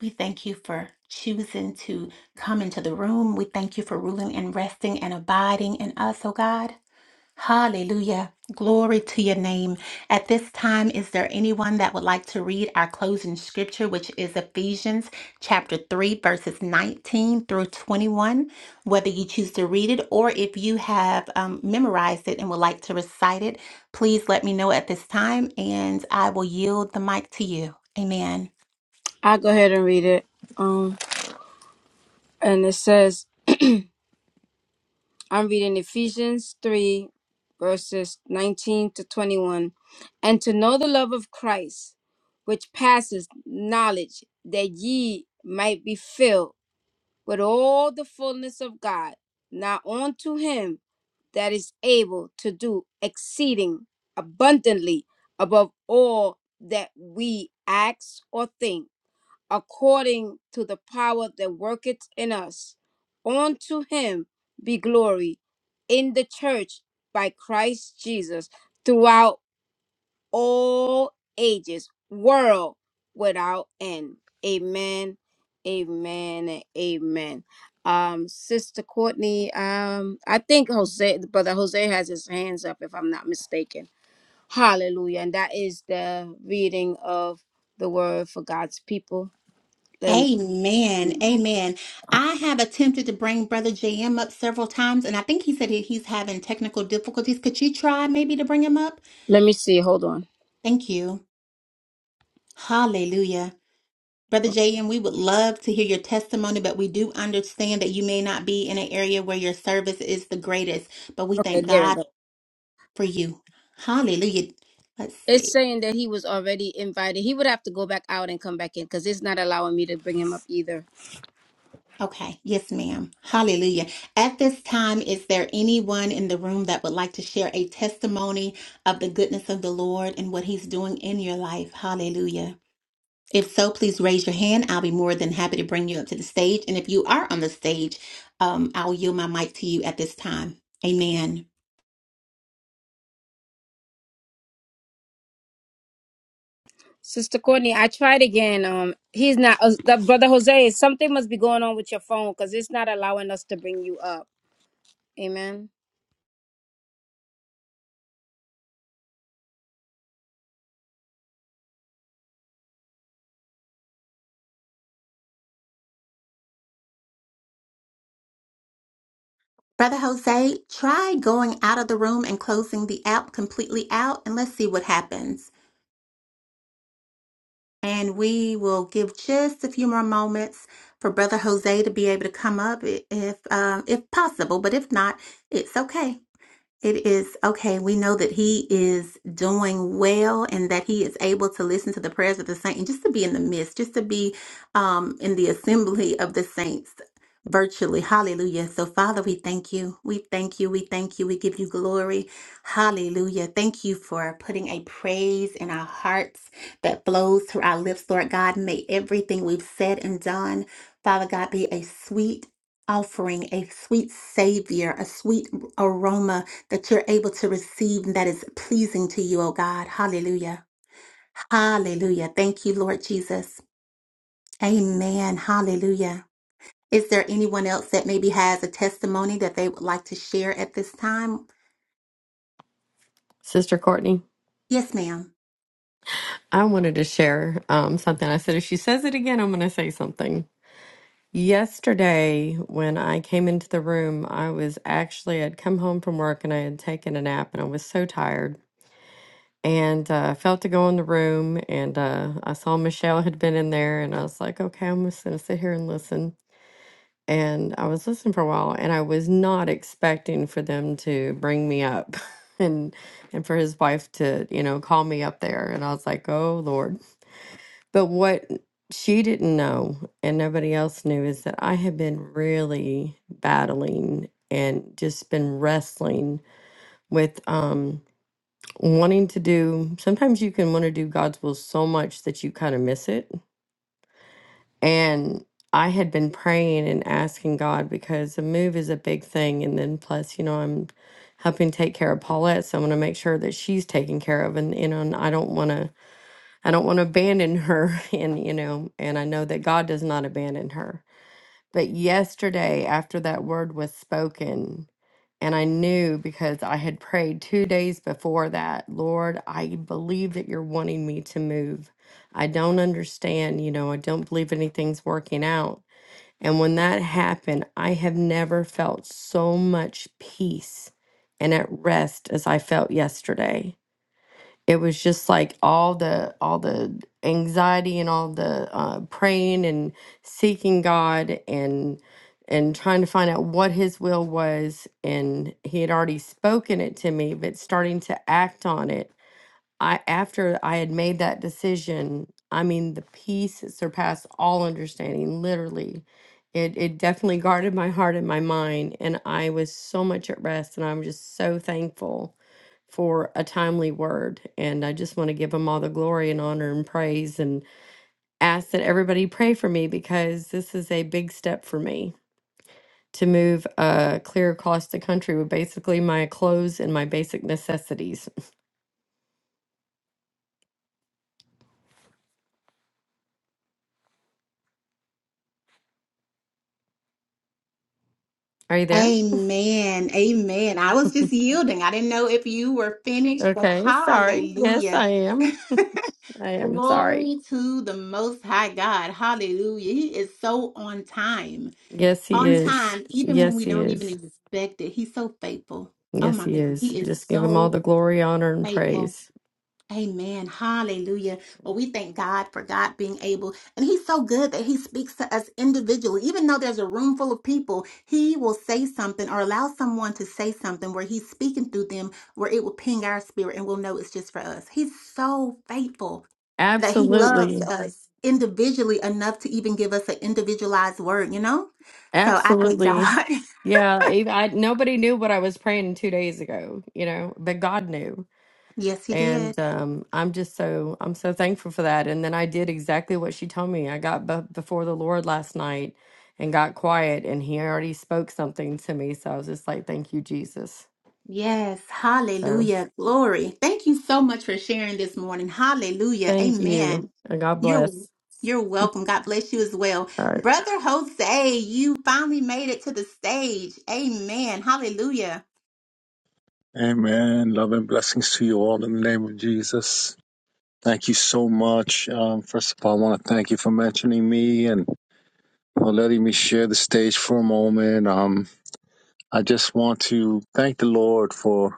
We thank you for choosing to come into the room. We thank you for ruling and resting and abiding in us, oh God. Hallelujah. Glory to your name. At this time, is there anyone that would like to read our closing scripture, which is Ephesians chapter 3, verses 19 through 21? Whether you choose to read it or if you have um, memorized it and would like to recite it, please let me know at this time and I will yield the mic to you. Amen.
I'll go ahead and read it. Um, and it says. I'm reading Ephesians 3, verses 19 to 21. And to know the love of Christ, which passes knowledge, that ye might be filled with all the fullness of God. Now unto him that is able to do exceeding abundantly above all that we ask or think according to the power that worketh in us. Unto him be glory in the church by Christ Jesus throughout all ages, world without end. Amen. Amen. and Amen. Um, Sister Courtney, um, I think Jose, Brother Jose has his hands up, if I'm not mistaken. Hallelujah. And that is the reading of the word for God's people. Let him.
Amen. Amen. I have attempted to bring Brother JM up several times, and I think he said he- he's having technical difficulties. Could you try maybe to bring him up?
Let me see. Hold on.
Thank you. Hallelujah. Brother JM, we would love to hear your testimony, but we do understand that you may not be in an area where your service is the greatest, but we
Okay,
thank
there we
God
go.
for you. Hallelujah. Let's see.
It's saying that he was already invited. He would have to go back out and come back in because it's not allowing me to bring him up either.
Okay, yes, ma'am. Hallelujah. At this time, is there anyone in the room that would like to share a testimony of the goodness of the Lord and what He's doing in your life? Hallelujah. If so, please raise your hand. I'll be more than happy to bring you up to the stage. And if you are on the stage, um, I'll yield my mic to you at this time. Amen.
Sister Courtney, I tried again. Um, he's not. Uh, the- brother Jose, something must be going on with your phone because it's not allowing us to bring you up. Amen.
Brother Jose, try going out of the room and closing the app completely out, and let's see what happens. And we will give just a few more moments for Brother Jose to be able to come up i- if um, if possible, but if not, it's okay. It is okay. We know that he is doing well and that he is able to listen to the prayers of the saints and just to be in the midst, just to be um, in the assembly of the saints virtually. Hallelujah. So, Father, we thank you. We thank you. We thank you. We give you glory. Hallelujah. Thank you for putting a praise in our hearts that flows through our lips, Lord God. May everything we've said and done, Father God, be a sweet offering, a sweet savior, a sweet aroma that you're able to receive and that is pleasing to you, oh God. Hallelujah. Hallelujah. Thank you, Lord Jesus. Amen. Hallelujah. Is there anyone else that maybe has a testimony that they would like to share at this time?
Sister Courtney,
Yes, ma'am.
I wanted to share um, something. I said, if she says it again, I'm going to say something. Yesterday, when I came into the room, I was actually, I'd come home from work and I had taken a nap and I was so tired. And uh, I felt to go in the room and uh, I saw Michelle had been in there and I was like, okay, I'm just going to sit here and listen. And I was listening for a while and I was not expecting for them to bring me up and and for his wife to, you know, call me up there. And I was like, oh, Lord. But what she didn't know and nobody else knew is that I had been really battling and just been wrestling with um wanting to do sometimes you can want to do God's will so much that you kind of miss it. And I had been praying and asking God because a move is a big thing and then plus, you know, I'm helping take care of Paulette, so I'm gonna make sure that she's taken care of and you know, and I don't wanna I don't want to abandon her. And, you know, and I know that God does not abandon her. But yesterday, after that word was spoken, and I knew because I had prayed two days before that, Lord, I believe that you're wanting me to move. I don't understand, you know, I don't believe anything's working out. And when that happened, I have never felt so much peace and at rest as I felt yesterday it was just like all the all the anxiety and all the uh, praying and seeking God and and trying to find out what His will was. And He had already spoken it to me, but starting to act on it. I after I had made that decision, I mean, the peace that surpassed all understanding. Literally, it it definitely guarded my heart and my mind, and I was so much at rest, and I'm just so thankful for a timely word. And I just want to give him all the glory and honor and praise and ask that everybody pray for me because this is a big step for me to move uh, clear across the country with basically my clothes and my basic necessities. Are you there?
Amen. Amen. I was just yielding. I didn't know if you were finished, but
Okay, sorry. Yes,
hallelujah.
I am. I am sorry.
Glory to the Most High God. Hallelujah. He is so on time.
Yes, he
on
is.
time, even when
Yes,
we
he
don't even
is.
expect it. He's so faithful. Oh
Yes,
my
he
goodness,
is.
he is
Just give him all
so
the glory, honor, and
faithful.
praise.
Amen. Hallelujah. Well, we thank God for God being able, and He's so good that He speaks to us individually. Even though there's a room full of people, He will say something or allow someone to say something where He's speaking through them, where it will ping our spirit and we'll know it's just for us. He's so faithful that He loves
Absolutely.
us individually enough to even give us an individualized word, you know? So I thank
Absolutely.
God.
Yeah, I, I nobody knew what I was praying 2 days ago, you know, but God knew.
Yes, he did.
And um I'm just so I'm so thankful for that. And then I did exactly what she told me. I got b- before the Lord last night and got quiet and he already spoke something to me, so I was just like, "Thank you, Jesus."
Yes.
So,
Hallelujah. Glory. Thank you so much for sharing this morning. Hallelujah.
thank you.
Amen.
And God
You're
bless.
you're welcome. God bless you as well.
All right.
Brother Jose, you finally made it to the stage. Amen. Hallelujah.
Amen. Love and blessings to you all in the name of Jesus. Thank you so much. Um, first of all, I want to thank you for mentioning me and for letting me share the stage for a moment. Um, I just want to thank the Lord for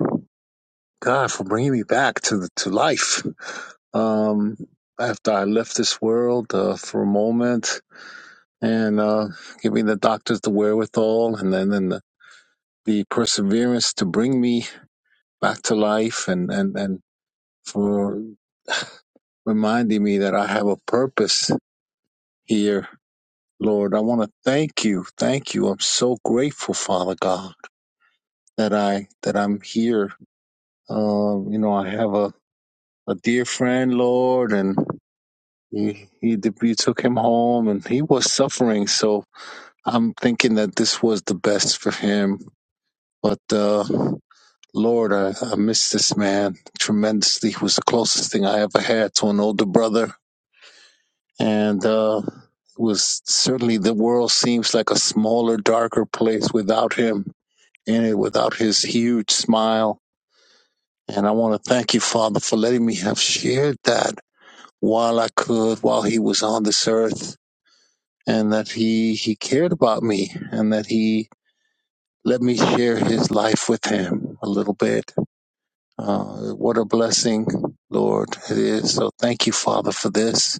God for bringing me back to the, to life. Um, after I left this world uh, for a moment and uh, giving the doctors the wherewithal and then and the, the perseverance to bring me back to life and and and. for reminding me that I have a purpose here, Lord. I want to thank you. Thank you. I'm so grateful, Father God, that I that I'm here. Um, you know, I have a, a dear friend, Lord, and he, he you took him home and he was suffering. So I'm thinking that this was the best for him. But uh Lord, I, I miss this man tremendously. He was the closest thing I ever had to an older brother and uh, it was certainly the world seems like a smaller, darker place without him in it, without his huge smile. And I want to thank you, Father, for letting me have shared that while I could, while he was on this earth, and that he he cared about me, and that he let me share his life with him a little bit. Uh, what a blessing, Lord, it is. So thank you, Father, for this.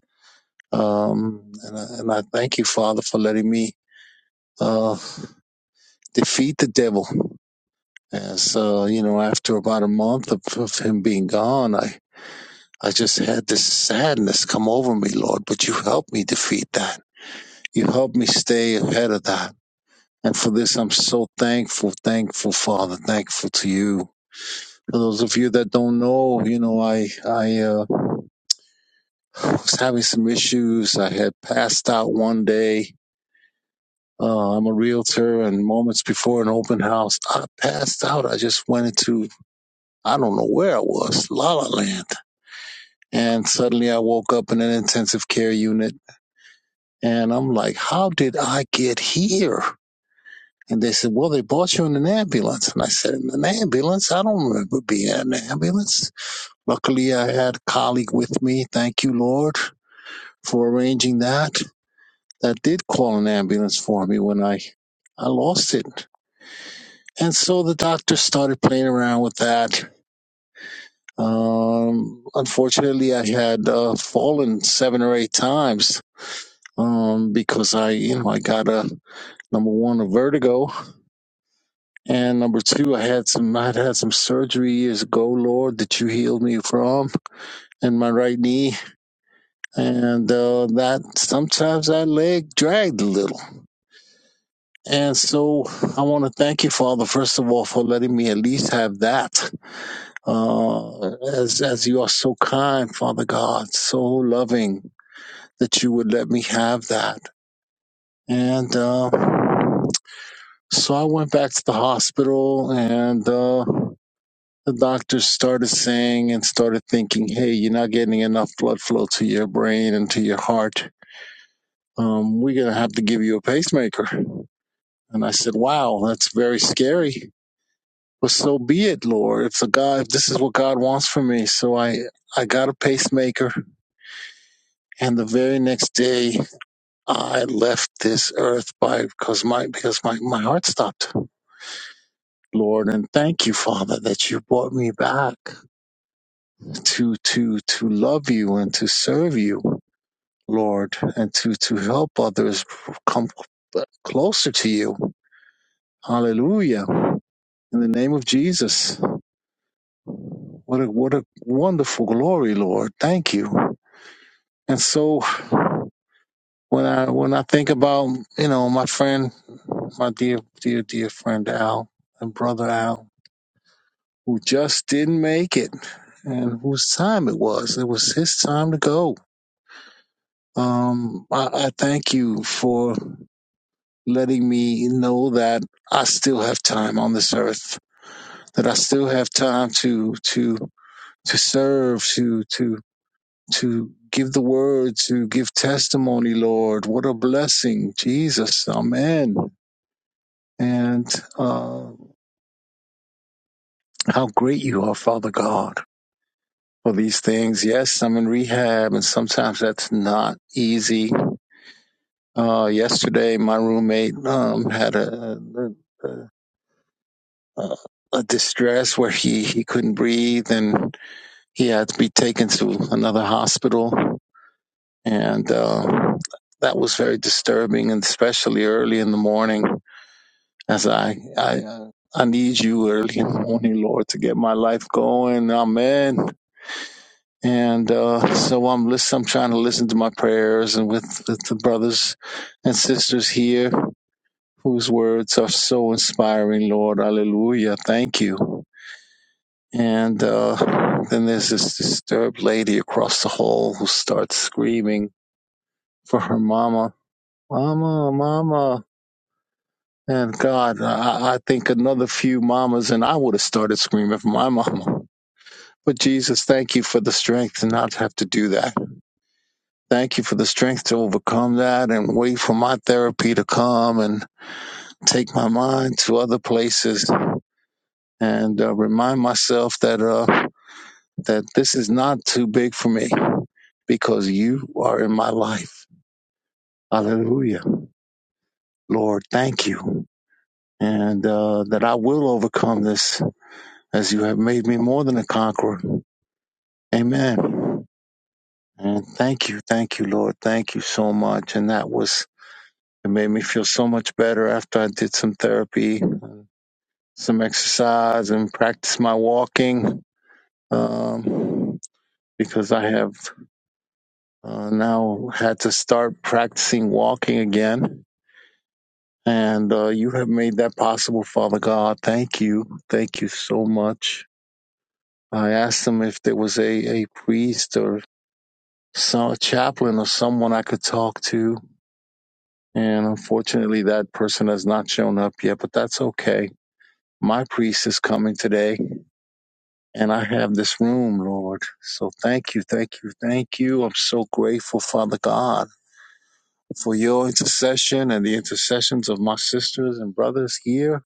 Um, and, I, and I thank you, Father, for letting me uh, defeat the devil. And so, you know, after about a month of, of him being gone, I, I just had this sadness come over me, Lord, but you helped me defeat that. You helped me stay ahead of that. And for this, I'm so thankful, thankful, Father, thankful to you. For those of you that don't know, you know, I, I uh, was having some issues. I had passed out one day. Uh, I'm a realtor, and moments before an open house, I passed out. I just went into I don't know where I was, La La Land. And suddenly I woke up in an intensive care unit and I'm like, how did I get here? And they said, well, they brought you in an ambulance. And I said, in an ambulance? I don't remember being in an ambulance. Luckily, I had a colleague with me. Thank you, Lord, for arranging that. That did call an ambulance for me when I, I lost it. And so the doctor started playing around with that Um, unfortunately, I had uh, fallen seven or eight times um, because I, you know, I got a number one a vertigo, and number two, I had some, I had had some surgery years ago, Lord, that you healed me from in my right knee, and uh, that sometimes that leg dragged a little, and so I want to thank you, Father, first of all, for letting me at least have that, uh, as as you are so kind, Father God, so loving that you would let me have that. And uh, so I went back to the hospital, and uh, the doctors started saying and started thinking, hey, you're not getting enough blood flow to your brain and to your heart. Um, we're going to have to give you a pacemaker. And I said, wow, that's very scary. But so be it, Lord. If the God, if this is what God wants for me. So I, I got a pacemaker. And the very next day, I left this earth by because my because my, my heart stopped. Lord, and thank you, Father, that you brought me back to to to love you and to serve you, Lord, and to to help others come closer to you. Hallelujah. In the name of Jesus. What a what a wonderful glory, Lord. Thank you. And so when I when I think about, you know, my friend, my dear dear dear friend Al and brother Al who just didn't make it and whose time it was. It was his time to go. Um, I, I thank you for letting me know that I still have time on this earth, that I still have time to, to, to serve, to, to, to give the word, to give testimony, Lord. What a blessing. Jesus. Amen. And, uh, how great you are, Father God for these things. Yes, I'm in rehab, and sometimes that's not easy. Uh, yesterday, my roommate um, had a, a, a, a distress where he, he couldn't breathe, and he had to be taken to another hospital, and uh, that was very disturbing, and especially early in the morning, as I I. I need you early in the morning, Lord, to get my life going. Amen. and uh, so I'm listen, I'm trying to listen to my prayers and with, with the brothers and sisters here whose words are so inspiring, Lord. Hallelujah. Thank you. And uh, then there's this disturbed lady across the hall who starts screaming for her mama, Mama, Mama. And God, I, I think another few mamas and I would have started screaming for my mama. But Jesus, thank you for the strength to not have to do that Thank you for the strength to overcome that and wait for my therapy to come and take my mind to other places and uh, remind myself that uh, that this is not too big for me because you are in my life. Hallelujah. Lord, thank you. And uh, that I will overcome this as you have made me more than a conqueror. Amen. And thank you. Thank you, Lord. Thank you so much. And that was It made me feel so much better after I did some therapy, some exercise, and practice my walking. Um, because I have uh, now had to start practicing walking again. And uh, you have made that possible, Father God. Thank you. Thank you so much. I asked them if there was a, a priest or some, a chaplain or someone I could talk to. And unfortunately, that person has not shown up yet, but that's okay My priest is coming today, and I have this room, Lord. So thank you, thank you, thank you. I'm so grateful, Father God, for your intercession and the intercessions of my sisters and brothers here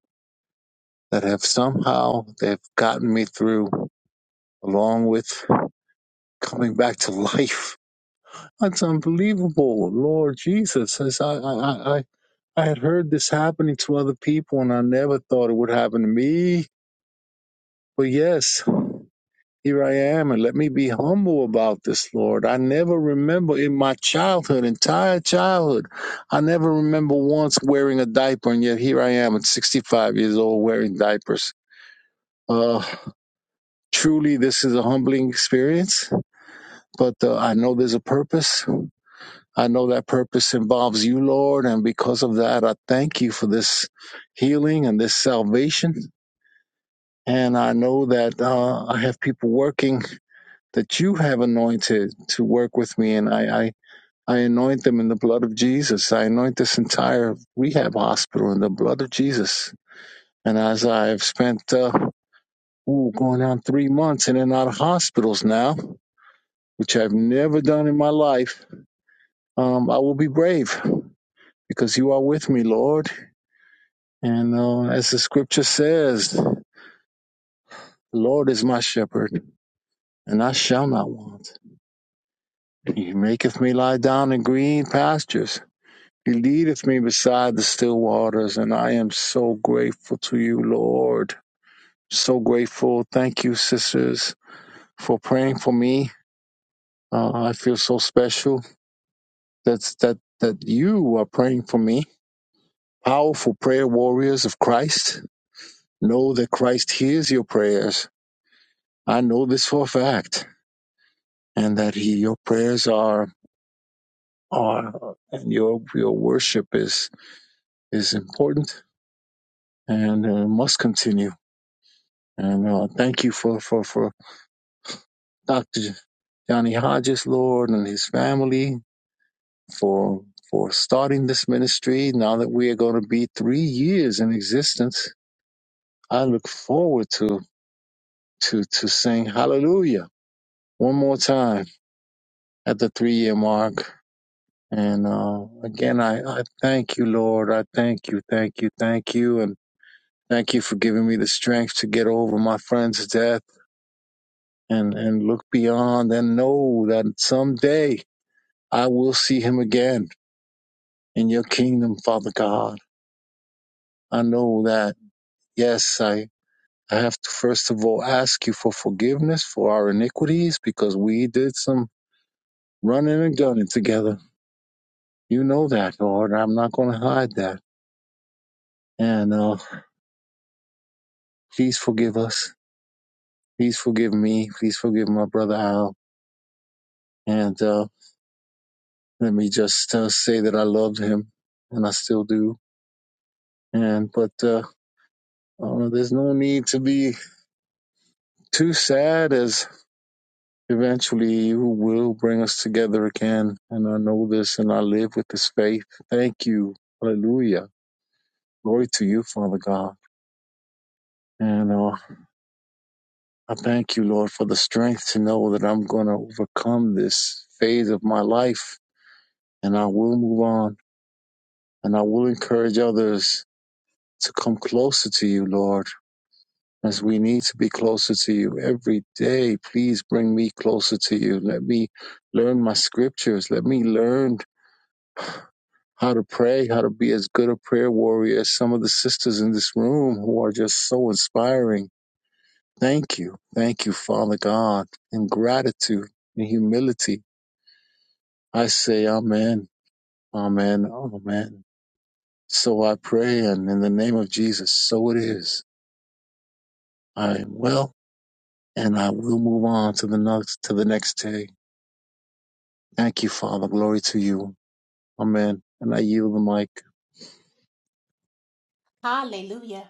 that have somehow they've gotten me through, along with coming back to life. That's unbelievable, Lord Jesus. As I, I, I, I I had heard this happening to other people, and I never thought it would happen to me. But yes. Here I am, and let me be humble about this, Lord. I never remember in my childhood, entire childhood, I never remember once wearing a diaper, and yet here I am at 65 years old wearing diapers. Uh, truly, this is a humbling experience, but uh, I know there's a purpose. I know that purpose involves you, Lord, and because of that, I thank you for this healing and this salvation. And I know that uh, I have people working that you have anointed to work with me. And I, I, I anoint them in the blood of Jesus. I anoint this entire rehab hospital in the blood of Jesus. And as I've spent, uh, ooh, going on three months in and out of hospitals now, which I've never done in my life, um, I will be brave because you are with me, Lord. And uh, as the scripture says, the Lord is my shepherd, and I shall not want. He maketh me lie down in green pastures. He leadeth me beside the still waters, and I am so grateful to you, Lord. So grateful. Thank you, sisters, for praying for me. Uh, I feel so special that's, that, that you are praying for me. Powerful prayer warriors of Christ. Know that Christ hears your prayers. I know this for a fact, and that he, your prayers are, are, and your, your worship is, is important and uh, must continue. And uh, thank you for, for, for Dr. Johnny Hodges, Lord, and his family for for starting this ministry. Now that we are going to be three years in existence, I look forward to to to sing Hallelujah one more time at the three year mark. And uh, again, I, I thank you, Lord. I thank you, thank you, thank you, and thank you for giving me the strength to get over my friend's death and and look beyond and know that someday I will see him again in your kingdom, Father God. I know that, yes, I, I have to first of all ask you for forgiveness for our iniquities because we did some running and gunning together. You know that, Lord. I'm not going to hide that. And uh, please forgive us. Please forgive me. Please forgive my brother Al. And uh, let me just uh, say that I loved him, and I still do. And but uh, uh, there's no need to be too sad, as Eventually, you will bring us together again. And I know this and I live with this faith. Thank you. Hallelujah. Glory to you, Father God. And uh, I thank you, Lord, for the strength to know that I'm going to overcome this phase of my life and I will move on and I will encourage others to come closer to you, Lord, as we need to be closer to you every day. Please bring me closer to you. Let me learn my scriptures. Let me learn how to pray, how to be as good a prayer warrior as some of the sisters in this room who are just so inspiring. Thank you. Thank you, Father God. In gratitude and humility, I say amen, amen, amen. So I pray, and in the name of Jesus, so it is. I am well, and I will move on to the next to the next day. Thank you, Father. Glory to you. Amen. And I yield the mic.
Hallelujah.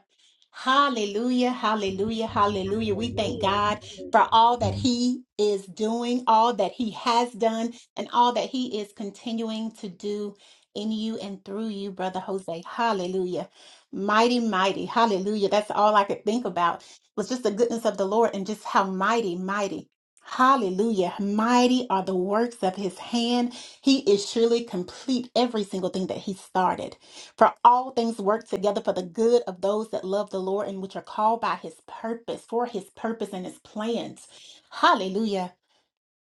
Hallelujah. Hallelujah. Hallelujah. We thank God
Hallelujah.
for all that He is doing, all that He has done, and all that He is continuing to do in you and through you, Brother Jose. Hallelujah. Mighty, mighty. Hallelujah. That's all I could think about was just the goodness of the Lord and just how mighty, mighty. Hallelujah. Mighty are the works of his hand. He is surely complete every single thing that he started. For all things work together for the good of those that love the Lord and which are called by his purpose, for his purpose and his plans. Hallelujah.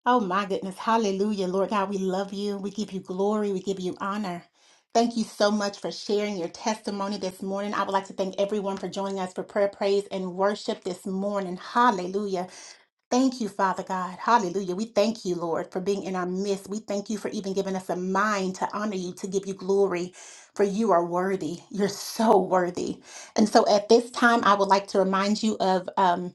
Oh my goodness. Hallelujah. Lord God, we love you. We give you glory. We give you honor. Thank you so much for sharing your testimony this morning. I would like to thank everyone for joining us for prayer, praise, and worship this morning. Hallelujah. Thank you, Father God. Hallelujah. We thank you, Lord, for being in our midst. We thank you for even giving us a mind to honor you, to give you glory, for you are worthy. You're so worthy. And so at this time, I would like to remind you of. um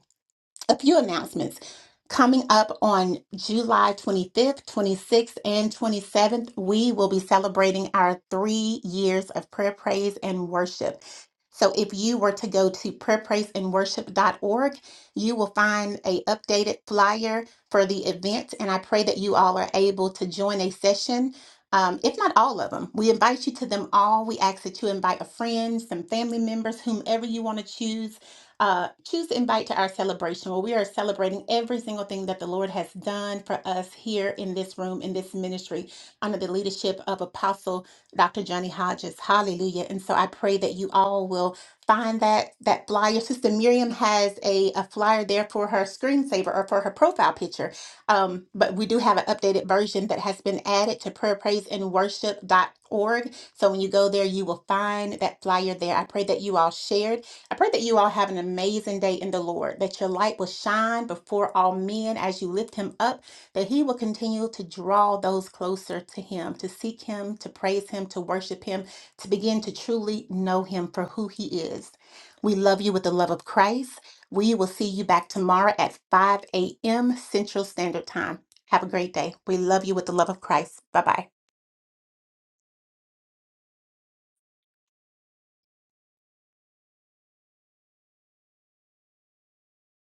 a few announcements. Coming up on July 25th, 26th, and 27th, we will be celebrating our three years of prayer, praise, and worship. So if you were to go to prayer, praise, and worship dot org, you will find a updated flyer for the event, and I pray that you all are able to join a session. Um, if not all of them, we invite you to them all. We ask that you invite a friend, some family members, whomever you want to choose uh, choose to invite to our celebration where we are celebrating every single thing that the Lord has done for us here in this room, in this ministry, under the leadership of Apostle Dr. Johnny Hodges. Hallelujah. And so I pray that you all will find that that flyer. Sister Miriam has a, a flyer there for her screensaver or for her profile picture. Um, but we do have an updated version that has been added to prayerpraiseandworship.org. So when you go there, you will find that flyer there. I pray that you all share it I pray that you all have an amazing day in the Lord, that your light will shine before all men as you lift him up, that he will continue to draw those closer to him, to seek him, to praise him, to worship him, to begin to truly know him for who he is. We love you with the love of Christ. We will see you back tomorrow at 5 a.m. Central Standard Time. Have a great day. We love you with the love of Christ. Bye bye.